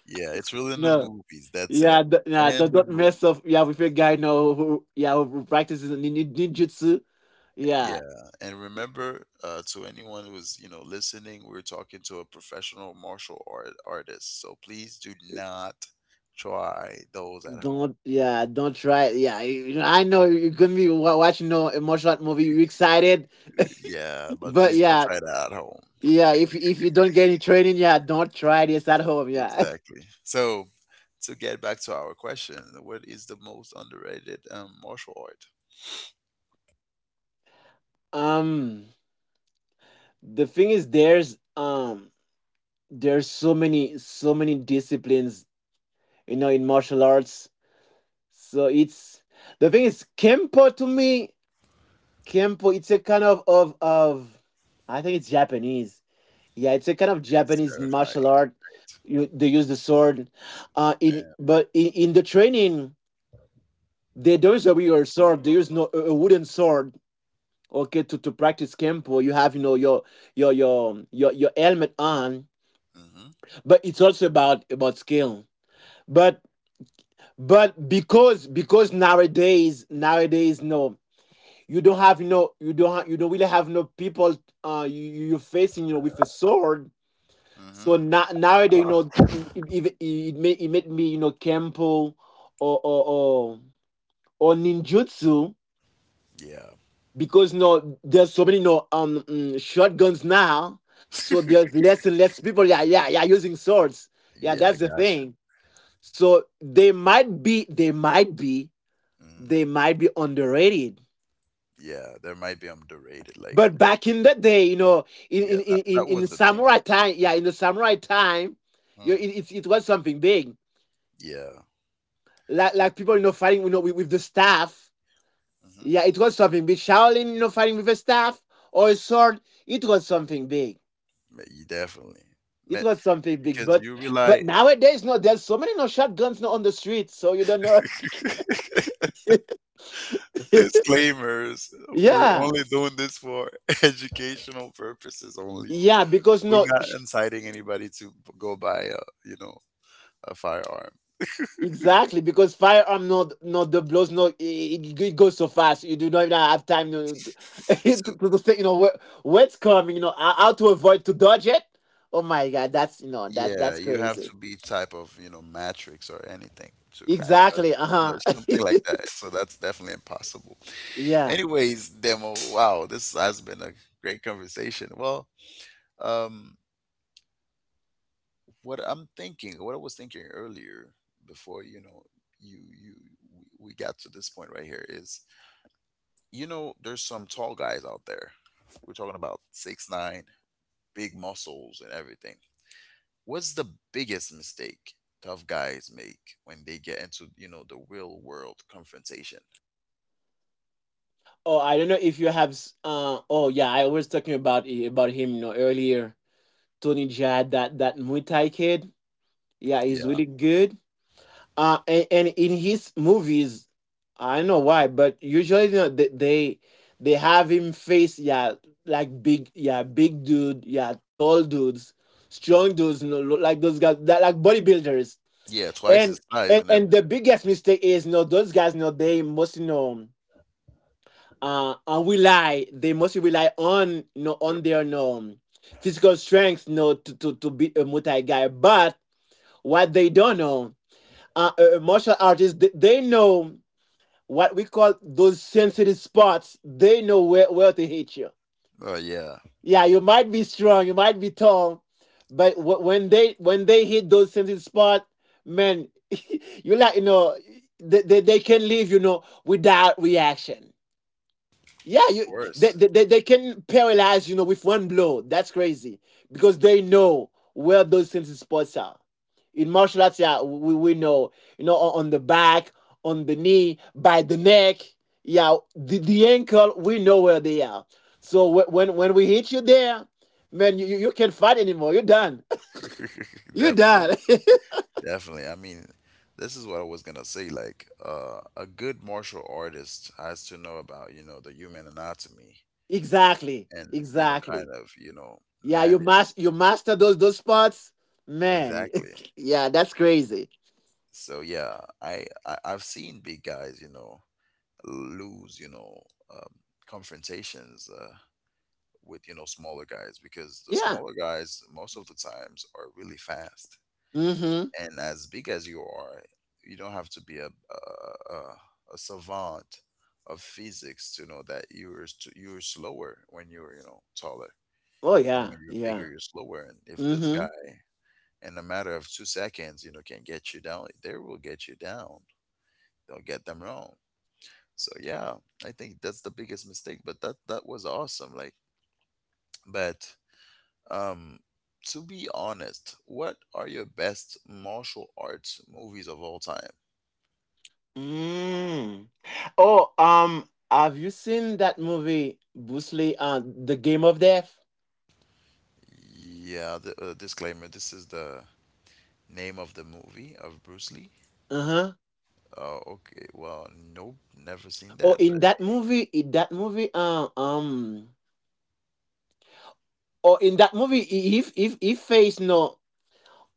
[SPEAKER 1] Yeah, it's really in the
[SPEAKER 2] No,
[SPEAKER 1] movies. That's it.
[SPEAKER 2] yeah, d- nah,
[SPEAKER 1] And
[SPEAKER 2] don't,
[SPEAKER 1] the
[SPEAKER 2] don't
[SPEAKER 1] movie.
[SPEAKER 2] mess up. Yeah, with a guy now who, yeah, who practices nin- nin- ninjutsu. Yeah,
[SPEAKER 1] Yeah. And remember, uh, to anyone who's, you know, listening, we're talking to a professional martial art artist. So please do not try those at home.
[SPEAKER 2] don't yeah, don't try. Yeah, you know, I know you're gonna be wa- watching no emotional movie. You excited,
[SPEAKER 1] Yeah, but
[SPEAKER 2] but
[SPEAKER 1] please don't
[SPEAKER 2] yeah,
[SPEAKER 1] try that at home.
[SPEAKER 2] yeah. If if you don't get any training, yeah, don't try this at home. Yeah.
[SPEAKER 1] Exactly. So, to get back to our question, what is the most underrated um, martial art?
[SPEAKER 2] Um, the thing is, there's um. there's so many so many disciplines, you know, in martial arts, so it's, the thing is, kempo to me, kempo, it's a kind of of of, I think it's Japanese, yeah, it's a kind of
[SPEAKER 1] Yes,
[SPEAKER 2] Japanese martial
[SPEAKER 1] terrifying.
[SPEAKER 2] art. You, they use the sword, uh, in but in, in the training, they don't use a real sword, they use no a a wooden sword. Okay, to to practice kempo, you have, you know, your your your your your helmet on,
[SPEAKER 1] Mm-hmm.
[SPEAKER 2] but it's also about about skill. but But because because nowadays, nowadays, no, you don't have, no, you don't ha- you don't really have, no, people, uh, you you- you're facing, you know, with a sword.
[SPEAKER 1] Mm-hmm.
[SPEAKER 2] So now, nowadays, you know, it, it, it made, it made me, you know, kempo or or or, or ninjutsu,
[SPEAKER 1] Yeah.
[SPEAKER 2] because, no, there's so many, no, um mm, shotguns now. So there's less and less people, yeah yeah yeah using swords. Yeah,
[SPEAKER 1] Yeah, I
[SPEAKER 2] that's the
[SPEAKER 1] got you.
[SPEAKER 2] thing. So they might be they might be
[SPEAKER 1] Hmm.
[SPEAKER 2] they might be underrated.
[SPEAKER 1] Yeah, there might be underrated. Like,
[SPEAKER 2] But back in
[SPEAKER 1] but
[SPEAKER 2] the day, you know, in
[SPEAKER 1] yeah,
[SPEAKER 2] in
[SPEAKER 1] that,
[SPEAKER 2] in
[SPEAKER 1] that was
[SPEAKER 2] in,
[SPEAKER 1] the thing.
[SPEAKER 2] samurai time, yeah, in the samurai time, you know,
[SPEAKER 1] Mm.
[SPEAKER 2] it, it it was something big.
[SPEAKER 1] Yeah.
[SPEAKER 2] Like
[SPEAKER 1] Just,
[SPEAKER 2] like people, you know, fighting, you know, with, with the staff.
[SPEAKER 1] mm-hmm.
[SPEAKER 2] Yeah, it was something big. Shaolin, you know, fighting with a staff or a sword, it was something big.
[SPEAKER 1] Yeah, you, definitely.
[SPEAKER 2] It
[SPEAKER 1] Ma-
[SPEAKER 2] was something big.
[SPEAKER 1] Because
[SPEAKER 2] But
[SPEAKER 1] you
[SPEAKER 2] but
[SPEAKER 1] rely.
[SPEAKER 2] nowadays, no, there's so many, no, shotguns, no, on the street, so you don't know.
[SPEAKER 1] Disclaimers. We're
[SPEAKER 2] Yeah,
[SPEAKER 1] only doing this for educational purposes only.
[SPEAKER 2] yeah, because
[SPEAKER 1] We're
[SPEAKER 2] no.
[SPEAKER 1] not inciting anybody to go buy a, you know, a firearm.
[SPEAKER 2] Exactly, because firearm, not not the blows, no, it, it it goes so fast you do not even have time to to,
[SPEAKER 1] So
[SPEAKER 2] to, to think, you know, where, what's coming, you know, how how to avoid, to dodge it. Oh my god, that's, you know, that's
[SPEAKER 1] yeah,
[SPEAKER 2] that's
[SPEAKER 1] you have
[SPEAKER 2] crazy.
[SPEAKER 1] to be type of, you know, matrix or anything to kind of
[SPEAKER 2] Exactly. Uh huh.
[SPEAKER 1] something like that. So that's definitely impossible.
[SPEAKER 2] yeah.
[SPEAKER 1] Anyways, Demo. Wow, this has been a great conversation. Well, um, what I'm thinking, what I was thinking earlier before, you know, you you we got to this point right here is, you know, there's some tall guys out there. We're talking about six nine, big muscles and everything. What's the biggest mistake tough guys make when they get into, you know, the real world confrontation?
[SPEAKER 2] Oh, I don't know if you have. s- Uh, oh yeah, I was talking about i- about him, you know, earlier. Tony Jad, that that Muay Thai kid. Yeah, he's
[SPEAKER 1] Yeah,
[SPEAKER 2] really good. Uh, and, and in his movies, I don't know why, but usually, you know, they, they they have him face, yeah, like big, yeah, big dude, yeah, tall dudes, strong dudes, you know, look like those guys that like bodybuilders.
[SPEAKER 1] yeah, twice
[SPEAKER 2] and,
[SPEAKER 1] his size
[SPEAKER 2] and
[SPEAKER 1] and
[SPEAKER 2] and the
[SPEAKER 1] everything.
[SPEAKER 2] biggest mistake is, you know, those guys, you know, they must, you know, uh, and rely, they mostly rely, on you know,
[SPEAKER 1] They're,
[SPEAKER 2] on their, you know, physical strength, you know, to to, to be a multi guy, but what they don't know, uh, uh, martial artists, they, they know what we call those sensitive spots, they know where, where to hit you.
[SPEAKER 1] oh yeah,
[SPEAKER 2] Yeah, you might be strong, you might be tall, but wh- when they when they hit those sensitive spots, man, you, like, you know, they, they, they can leave, you know, without reaction. Yeah,
[SPEAKER 1] of
[SPEAKER 2] you, they,
[SPEAKER 1] course,
[SPEAKER 2] they, they they can paralyze, you know, with one blow. That's crazy. Because they know where those things spots are. In martial arts, yeah, we, we know, you know, on, on the back, on the knee, by the neck, yeah, the, the ankle, we know where they are. So whe- when when we hit you there, man, you, you you can't fight anymore. You're done. You're
[SPEAKER 1] definitely.
[SPEAKER 2] done.
[SPEAKER 1] Definitely. I mean, this is what I was gonna say. Like, uh, a good martial artist has to know about, you know, the human anatomy
[SPEAKER 2] Exactly.
[SPEAKER 1] and, you know, kind
[SPEAKER 2] Exactly.
[SPEAKER 1] of, you know,
[SPEAKER 2] Yeah, you
[SPEAKER 1] manage
[SPEAKER 2] must you master those those spots. Man,
[SPEAKER 1] exactly.
[SPEAKER 2] yeah, that's crazy.
[SPEAKER 1] So yeah, I, I I've seen big guys, you know, lose, you know, um, confrontations, uh, with, you know, smaller guys, because the
[SPEAKER 2] Yeah.
[SPEAKER 1] smaller guys most of the times are really fast.
[SPEAKER 2] Mhm.
[SPEAKER 1] And as big as you are, you don't have to be a a, a, a savant of physics to know that you're st- you're slower when you're, you know, taller,
[SPEAKER 2] Oh
[SPEAKER 1] and when
[SPEAKER 2] yeah,
[SPEAKER 1] you're bigger,
[SPEAKER 2] yeah.
[SPEAKER 1] you're slower. And if this guy,
[SPEAKER 2] Mhm.
[SPEAKER 1] in a matter of two seconds, you know, can get you down, they will get you down. Don't get them wrong. So yeah, I think that's the biggest mistake. But that that was awesome. Like, but um. To be honest, what are your best martial arts movies of all time?
[SPEAKER 2] Mm. Oh, um, have you seen that movie, Bruce Lee, uh, The Game of Death?
[SPEAKER 1] Yeah, the, uh, disclaimer. This is the name of the movie of Bruce Lee.
[SPEAKER 2] Uh huh.
[SPEAKER 1] Oh, okay. Well, nope, never seen
[SPEAKER 2] Oh,
[SPEAKER 1] that. But
[SPEAKER 2] in that movie, in that movie, uh, um, or in that movie, he- if if he faced no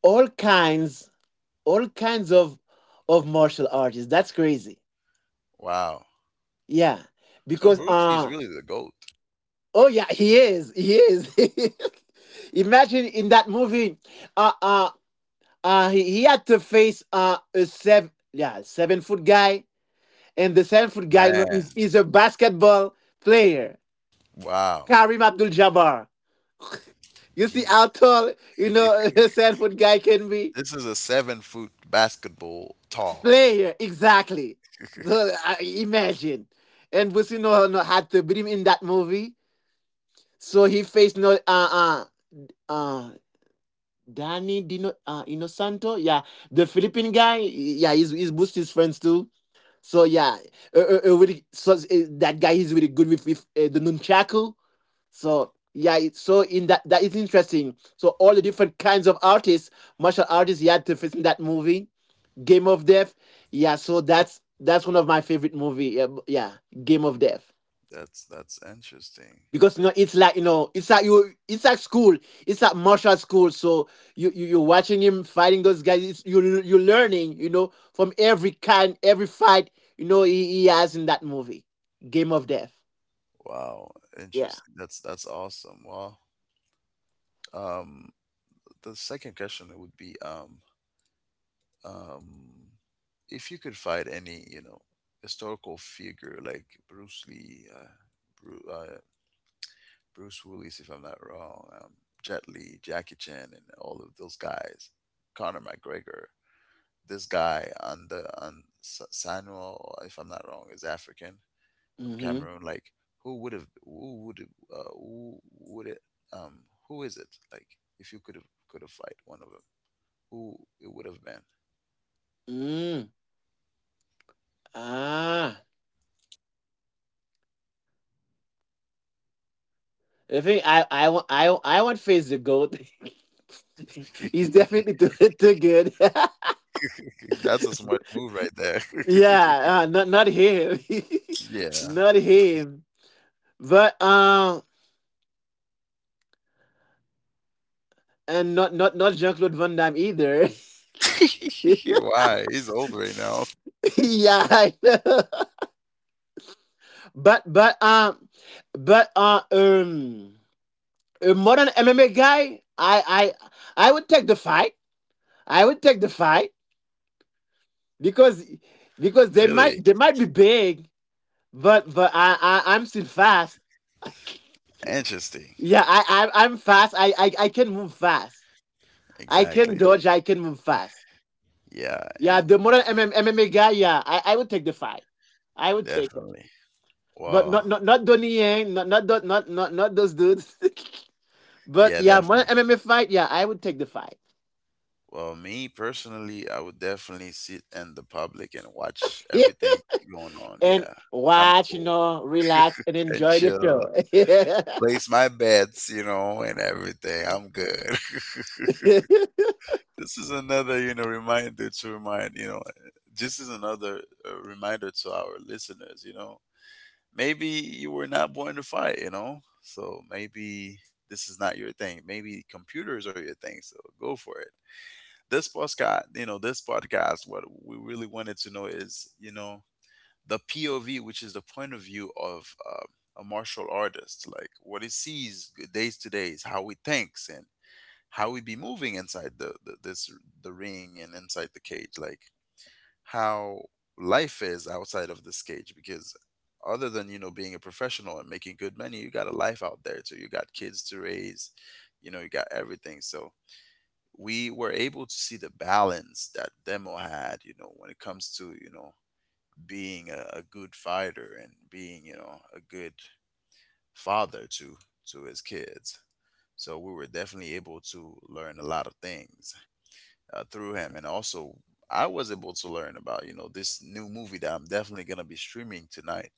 [SPEAKER 2] all kinds, all kinds of of martial artists. That's crazy.
[SPEAKER 1] wow.
[SPEAKER 2] Yeah,
[SPEAKER 1] So
[SPEAKER 2] because
[SPEAKER 1] Bruce Lee is
[SPEAKER 2] uh,
[SPEAKER 1] really the goat,
[SPEAKER 2] oh yeah, he is, he is. Imagine in that movie. uh, uh, uh he, he had to face uh a seven yeah seven foot guy, and the seven foot guy, you know,
[SPEAKER 1] man.
[SPEAKER 2] is is a basketball player,
[SPEAKER 1] Wow.
[SPEAKER 2] Kareem Abdul Jabbar. You see
[SPEAKER 1] Gee,
[SPEAKER 2] how tall, you know, a seven foot guy can be
[SPEAKER 1] this is a seven foot basketball tall.
[SPEAKER 2] player exactly. The- I- imagine, and Busino no know, had to beat him in that movie. So he faced no uh uh uh Danny Dino, uh, Inosanto, yeah, the Philippine guy, yeah, he's he's Busti's friends too. So yeah, uh, uh, uh, really, so uh, that guy is really good with with uh, the nunchaku. So yeah, it, so in that, that is interesting. So all the different kinds of artists, martial artists, he had to face in that movie, Game of Death. Yeah, so that's that's one of my favorite movie. Yeah, b- yeah, Game of Death,
[SPEAKER 1] That's that's interesting.
[SPEAKER 2] because you know it's like, you know, it's like you, it's like school, it's like martial school. So you, you you're watching him fighting those guys, it's, you you're learning, you know, from every kind, every fight, you know he, he has in that movie, Game of Death.
[SPEAKER 1] Wow,
[SPEAKER 2] Yeah.
[SPEAKER 1] interesting. That's that's awesome. Well, um, the second question would be um, um, if you could fight any, you know, historical figure like Bruce Lee, uh, Bruce, uh, Bruce Willis, if I'm not wrong, um, Jet Li, Jackie Chan, and all of those guys, Conor McGregor, this guy on the on S- Samuel, if I'm not wrong, is African from
[SPEAKER 2] Mm-hmm.
[SPEAKER 1] Cameroon. Like, who would have, who would, uh, who would it, um, who is it? Like, if you could have could have fight one of them, who it would have
[SPEAKER 2] Mm. Ah, I think I i want I, I want face the goat.
[SPEAKER 1] been?
[SPEAKER 2] He's definitely too, too good.
[SPEAKER 1] That's a smart move right there.
[SPEAKER 2] Yeah, uh, not not him.
[SPEAKER 1] Yeah.
[SPEAKER 2] Not him, but um, and not not not Jean Claude Van Damme either.
[SPEAKER 1] Why? He's old right now.
[SPEAKER 2] Yeah, I know. But but um but uh um a modern M M A guy, I I I would take the fight. I would take the fight because because they might,
[SPEAKER 1] Really?
[SPEAKER 2] they might be big, but but I, I I'm still fast.
[SPEAKER 1] Interesting.
[SPEAKER 2] Yeah, I, I I'm fast. I, I I can move fast. I can
[SPEAKER 1] Exactly.
[SPEAKER 2] dodge. I can move fast.
[SPEAKER 1] Yeah,
[SPEAKER 2] Yeah,
[SPEAKER 1] and
[SPEAKER 2] the modern MM, M M A guy. Yeah, I, I would take the fight. I would take it.
[SPEAKER 1] definitely.
[SPEAKER 2] But
[SPEAKER 1] Well,
[SPEAKER 2] not not not Donnie Yang, not not not not not, not those dudes. But
[SPEAKER 1] yeah,
[SPEAKER 2] yeah, one
[SPEAKER 1] definitely.
[SPEAKER 2] M M A fight, yeah, I would take the fight.
[SPEAKER 1] Well, me personally, I would definitely sit in the public and watch everything going on.
[SPEAKER 2] And
[SPEAKER 1] Yeah. I'm
[SPEAKER 2] watch, you
[SPEAKER 1] cool.
[SPEAKER 2] know, relax and
[SPEAKER 1] And
[SPEAKER 2] enjoy the
[SPEAKER 1] chill.
[SPEAKER 2] show.
[SPEAKER 1] Place my bets, you know, and everything. I'm good. this is another you know reminder to remind you know eh, this is another uh, reminder to our listeners. You know maybe you were not born to fight, you know so maybe this is not your thing. Maybe computers are your thing, so go for it. This podcast you know this podcast what we really wanted to know is, you know the P O V, which is the point of view of uh, a martial artist, like what he sees days to days, how he thinks, and how we be moving inside the, the this the ring and inside the cage, like how life is outside of this cage. Because other than you know being a professional and making good money, you got a life out there too, you got kids to raise, you know you got everything. So we were able to see the balance that Demo had, you know when it comes to, you know being a, a good fighter and being you know a good father to to his kids. So we were definitely able to learn a lot of things uh, through him. And also, I was able to learn about you know this new movie that I'm definitely going to be streaming tonight,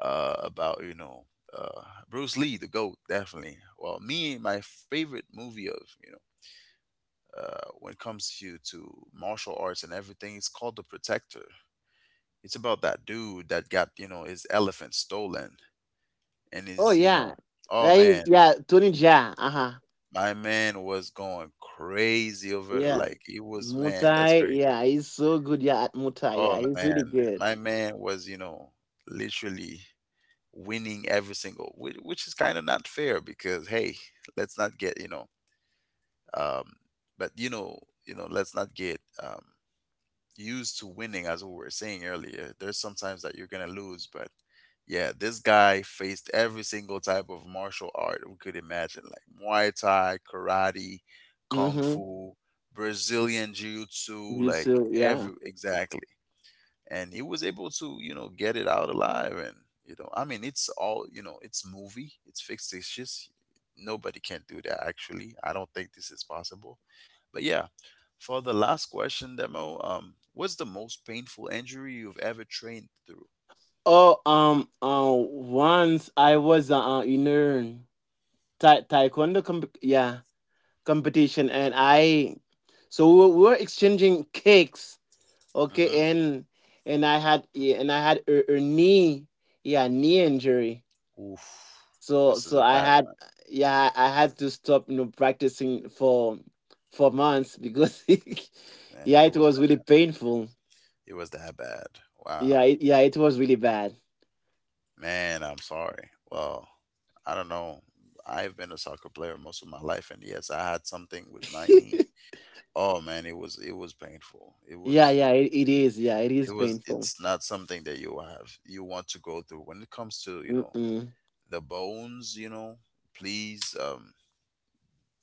[SPEAKER 1] uh, about you know uh, Bruce Lee, the GOAT. Definitely, well, me, my favorite movie of, you know uh, when it comes to to martial arts and everything, it's called The Protector. It's about that dude that got, you know his elephant stolen and
[SPEAKER 2] Oh
[SPEAKER 1] his, you
[SPEAKER 2] yeah.
[SPEAKER 1] know oh,
[SPEAKER 2] That is,
[SPEAKER 1] man.
[SPEAKER 2] yeah, Tony Jaa. Uh-huh.
[SPEAKER 1] My man was going crazy over it.
[SPEAKER 2] Yeah.
[SPEAKER 1] Like, he was, man, that's
[SPEAKER 2] Mutai,
[SPEAKER 1] crazy.
[SPEAKER 2] yeah, he's so good. Yeah, at Mutai, yeah,
[SPEAKER 1] Oh
[SPEAKER 2] he's really
[SPEAKER 1] man,
[SPEAKER 2] good.
[SPEAKER 1] my man was, you know, literally winning every single, which, which is kind of not fair, because, hey, let's not get, you know, um, but you know, you know, let's not get um, used to winning, as we were saying earlier. There's sometimes that you're gonna lose, but yeah, this guy faced every single type of martial art we could imagine, like Muay Thai, karate, kung
[SPEAKER 2] Mm-hmm.
[SPEAKER 1] fu, Brazilian jiu-jitsu,
[SPEAKER 2] You
[SPEAKER 1] like
[SPEAKER 2] too, yeah.
[SPEAKER 1] every, exactly. And he was able to you know get it out alive. And you know I mean, it's all, you know it's movie, it's fictitious. Nobody can do that, actually. I don't think this is possible, but yeah. For the last question, Demo, um what's the most painful injury you've ever trained through?
[SPEAKER 2] Oh, um, uh, once I was uh, uh, in a ta- taekwondo comp. Yeah, competition, and I, so we were, we were exchanging kicks,
[SPEAKER 1] Uh-huh.
[SPEAKER 2] okay, and and I had, yeah, and I had a, a knee, yeah, knee injury.
[SPEAKER 1] Oof.
[SPEAKER 2] So
[SPEAKER 1] This is
[SPEAKER 2] so
[SPEAKER 1] a
[SPEAKER 2] I
[SPEAKER 1] bad
[SPEAKER 2] had,
[SPEAKER 1] one.
[SPEAKER 2] yeah, I had to stop, you know, practicing for for months, because
[SPEAKER 1] Man,
[SPEAKER 2] yeah,
[SPEAKER 1] it
[SPEAKER 2] it
[SPEAKER 1] was
[SPEAKER 2] was really painful.
[SPEAKER 1] it was that bad. Wow.
[SPEAKER 2] Yeah, it, yeah, it was really bad.
[SPEAKER 1] Man, I'm sorry. Well, I don't know, I've been a soccer player most of my life, and yes, I had something with my knee. Oh man, it was it was painful. It was,
[SPEAKER 2] Yeah
[SPEAKER 1] you know,
[SPEAKER 2] yeah it, it is, yeah, it
[SPEAKER 1] it
[SPEAKER 2] is
[SPEAKER 1] was
[SPEAKER 2] painful.
[SPEAKER 1] it's not something that you have you want to go through. When it comes to, you know,
[SPEAKER 2] Mm-mm.
[SPEAKER 1] the bones, you know, please, um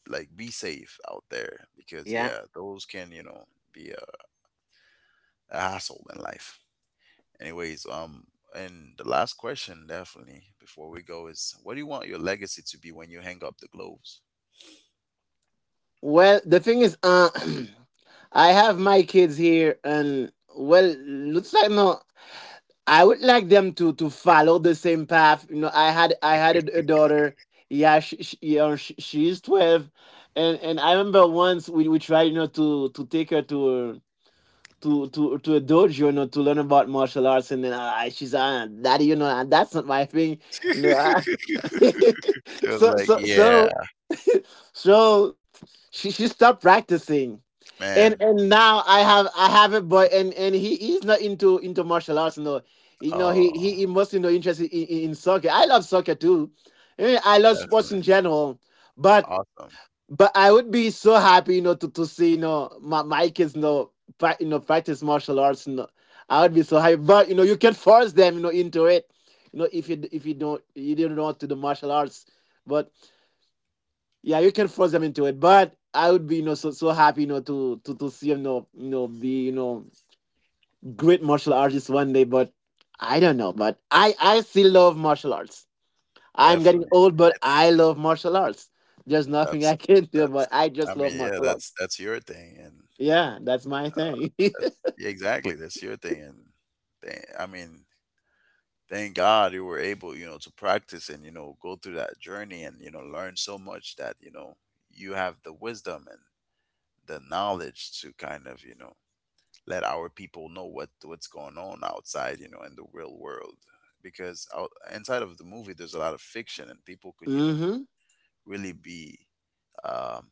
[SPEAKER 1] like, be safe out there, because
[SPEAKER 2] Yeah.
[SPEAKER 1] yeah, those can, you know, be a, a hassle in life. Anyways, um and the last question definitely before we go is, what do you want your legacy to be when you hang up the gloves?
[SPEAKER 2] Well, the thing is, uh, I have my kids here, and, well, looks like no. I would like them to to follow the same path. You know, I had I had a, a daughter. Yeah, she, she, you know, she, she's twelve, and and I remember once we we tried, you know, to to take her to a- to to to a dojo, you know, to learn about martial arts, and then, uh, I, she's, ah, daddy, you know, ah, that's not my thing, you know. I,
[SPEAKER 1] It was
[SPEAKER 2] so
[SPEAKER 1] like,
[SPEAKER 2] so
[SPEAKER 1] yeah,
[SPEAKER 2] so so she she stopped practicing and
[SPEAKER 1] man.
[SPEAKER 2] and now I have I have it, but and and he he's not into into martial arts. No, you know he he,
[SPEAKER 1] Oh,
[SPEAKER 2] he mostly no interest in, in, in soccer. I love soccer too. Eh, I love sports
[SPEAKER 1] definitely.
[SPEAKER 2] in general, but
[SPEAKER 1] Awesome.
[SPEAKER 2] but I would be so happy, you know, to to see you know my my kids you know pra- you know practice martial arts. You know, I would be so happy. But you know you can force them you know into it. You know if you if you don't you don't want to do martial arts. but yeah, you can force them into it. But I would be, you know, so so happy, you know, to to to see him, you know, you know, be, you know, great martial artist one day. But I don't know. But I I still love martial arts. I'm getting
[SPEAKER 1] Definitely.
[SPEAKER 2] old,
[SPEAKER 1] I
[SPEAKER 2] but
[SPEAKER 1] think
[SPEAKER 2] I love martial arts. There's nothing
[SPEAKER 1] that's
[SPEAKER 2] I can do,
[SPEAKER 1] that's
[SPEAKER 2] but I
[SPEAKER 1] I
[SPEAKER 2] just love
[SPEAKER 1] mean, yeah,
[SPEAKER 2] martial
[SPEAKER 1] that's
[SPEAKER 2] arts.
[SPEAKER 1] that's your thing. And
[SPEAKER 2] Yeah, that's my
[SPEAKER 1] uh,
[SPEAKER 2] thing.
[SPEAKER 1] that's, yeah, exactly, that's your thing. And thank, I mean, thank God you were able, you know, to practice and, you know, go through that journey and, you know, learn so much, that, you know, you have the wisdom and the knowledge to kind of, you know, let our people know what what's going on outside, you know, in the real world. Because out, inside of the movie, there's a lot of fiction, and people could, you know,
[SPEAKER 2] Mm-hmm.
[SPEAKER 1] really be, um,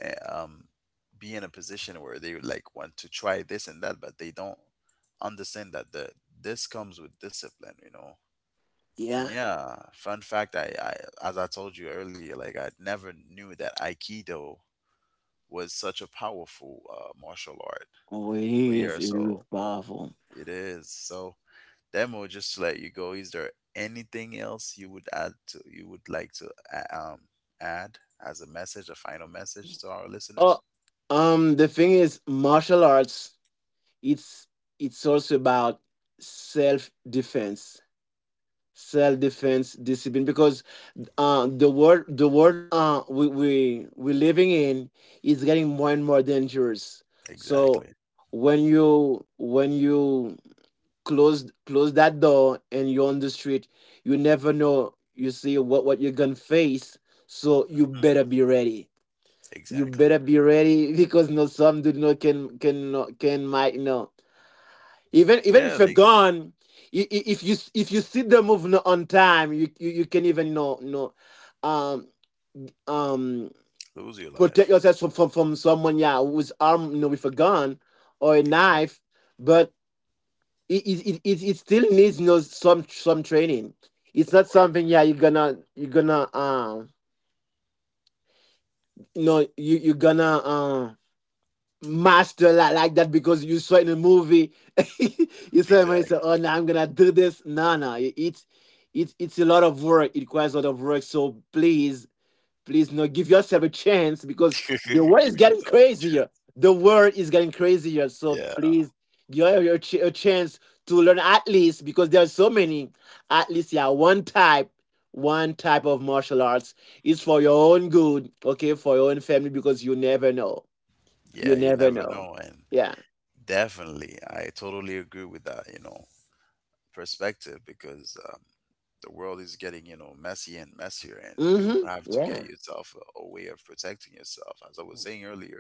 [SPEAKER 1] eh, um, be in a position where they like, want to try this and that, but they don't understand that the this comes with discipline, you know. And
[SPEAKER 2] Yeah.
[SPEAKER 1] yeah, fun fact, I, I as I told you earlier, like, I never knew that Aikido was such a powerful, uh, martial art.
[SPEAKER 2] Oh, it
[SPEAKER 1] But yeah,
[SPEAKER 2] is. It is
[SPEAKER 1] so
[SPEAKER 2] powerful.
[SPEAKER 1] it is. So, Demo, just to let you go, is there anything else you would add to you would like to, a- um add as a message, a final message to our listeners?
[SPEAKER 2] Oh, um, the thing is, martial arts. It's it's also about self defense, self-defense discipline because uh, the world the world uh, we, we we're living in is getting more and more dangerous. So
[SPEAKER 1] Exactly.
[SPEAKER 2] when you when you close close that door and you're on the street, you never know, you see what what you're gonna face, so you better be ready, you
[SPEAKER 1] Exactly.
[SPEAKER 2] better be ready. Because no, some dude no, can can no- can might no. Even even
[SPEAKER 1] Yeah,
[SPEAKER 2] if you're
[SPEAKER 1] they
[SPEAKER 2] gone, i- i- if you if you see the move no- on time, you you, you can even you know, you know, um um
[SPEAKER 1] lose your
[SPEAKER 2] protect
[SPEAKER 1] life.
[SPEAKER 2] yourself from from, from someone, yeah, who's armed, you know, with a gun or a
[SPEAKER 1] Exactly.
[SPEAKER 2] knife. But it it, it, it it still needs, you know, some some training. It's
[SPEAKER 1] Of
[SPEAKER 2] not
[SPEAKER 1] course.
[SPEAKER 2] something, yeah, you're gonna you're gonna um you know you you're gonna uh, master like, like that because you saw it in a movie. You saw him and you say,
[SPEAKER 1] Exactly.
[SPEAKER 2] "Oh no, I'm gonna do this." No, no, it- it's it's it's a lot of work. It requires a lot of work. So please, please, no, give yourself a chance because the world is
[SPEAKER 1] Give
[SPEAKER 2] getting
[SPEAKER 1] yourself a
[SPEAKER 2] crazier.
[SPEAKER 1] chance.
[SPEAKER 2] The world is getting crazier. So
[SPEAKER 1] Yeah.
[SPEAKER 2] please, give your ch- a chance to learn at least because there are so many. At least, yeah, one type. One type of martial arts is for your own good, okay, for your own family, because you never know, you
[SPEAKER 1] Yeah, you
[SPEAKER 2] never
[SPEAKER 1] never
[SPEAKER 2] know.
[SPEAKER 1] know. And
[SPEAKER 2] Yeah.
[SPEAKER 1] definitely, I totally agree with that, you know, perspective, because, um, the world is getting, you know, messy and messier. And you
[SPEAKER 2] Mhm.
[SPEAKER 1] have to get
[SPEAKER 2] Yeah.
[SPEAKER 1] yourself a, a way of protecting yourself. As I was saying earlier,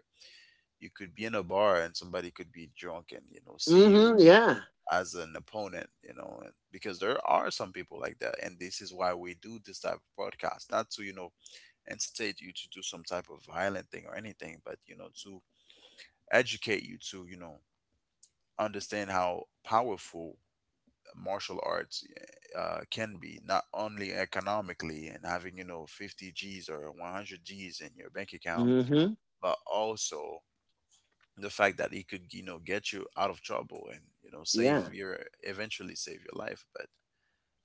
[SPEAKER 1] you could be in a bar and somebody could be drunk and, you know, see you
[SPEAKER 2] Mhm. Yeah.
[SPEAKER 1] as an opponent, you know, and- because there are some people like that, and this is why we do this type of podcast, not to you know incitate you to do some type of violent thing or anything, but you know to educate you to you know understand how powerful martial arts eh, uh, can be, not only economically and having you know 50 G's or 100 G's in your bank account,
[SPEAKER 2] Mhm.
[SPEAKER 1] but also the fact that it could, you know get you out of trouble, and you know save
[SPEAKER 2] Yeah.
[SPEAKER 1] your eventually save your life. But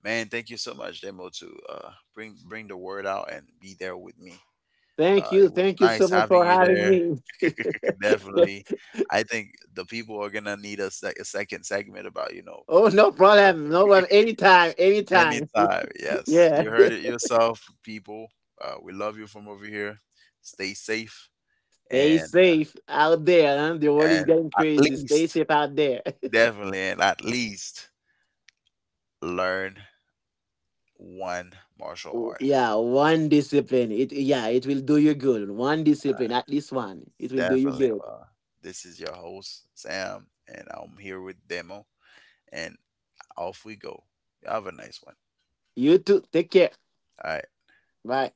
[SPEAKER 1] man, thank you so much, Demo, to uh, bring bring the word out and be there with me.
[SPEAKER 2] Thank
[SPEAKER 1] Uh,
[SPEAKER 2] you.
[SPEAKER 1] it was
[SPEAKER 2] Thank you so
[SPEAKER 1] nice
[SPEAKER 2] much
[SPEAKER 1] having
[SPEAKER 2] for
[SPEAKER 1] you
[SPEAKER 2] having
[SPEAKER 1] there.
[SPEAKER 2] me.
[SPEAKER 1] Definitely, I think the people are gonna need a, sec- a second segment about, you know
[SPEAKER 2] Oh, no problem. No problem. Anytime. Anytime.
[SPEAKER 1] Anytime. Yes,
[SPEAKER 2] Yeah.
[SPEAKER 1] you heard it yourself, people. Uh, we love you from over here. Stay safe,
[SPEAKER 2] Stay
[SPEAKER 1] and
[SPEAKER 2] safe out there. Huh? The world is
[SPEAKER 1] and
[SPEAKER 2] getting
[SPEAKER 1] at
[SPEAKER 2] crazy. Stay
[SPEAKER 1] least
[SPEAKER 2] safe out there.
[SPEAKER 1] definitely and at least learn one martial art.
[SPEAKER 2] Yeah. One discipline. It. Yeah. It will do you good. One discipline. At least one. It will do you
[SPEAKER 1] Definitely.
[SPEAKER 2] good.
[SPEAKER 1] Uh, this is your host, Sam, and I'm here with Demo. And off we go. Have a nice one.
[SPEAKER 2] You too. Take care.
[SPEAKER 1] All right.
[SPEAKER 2] Bye.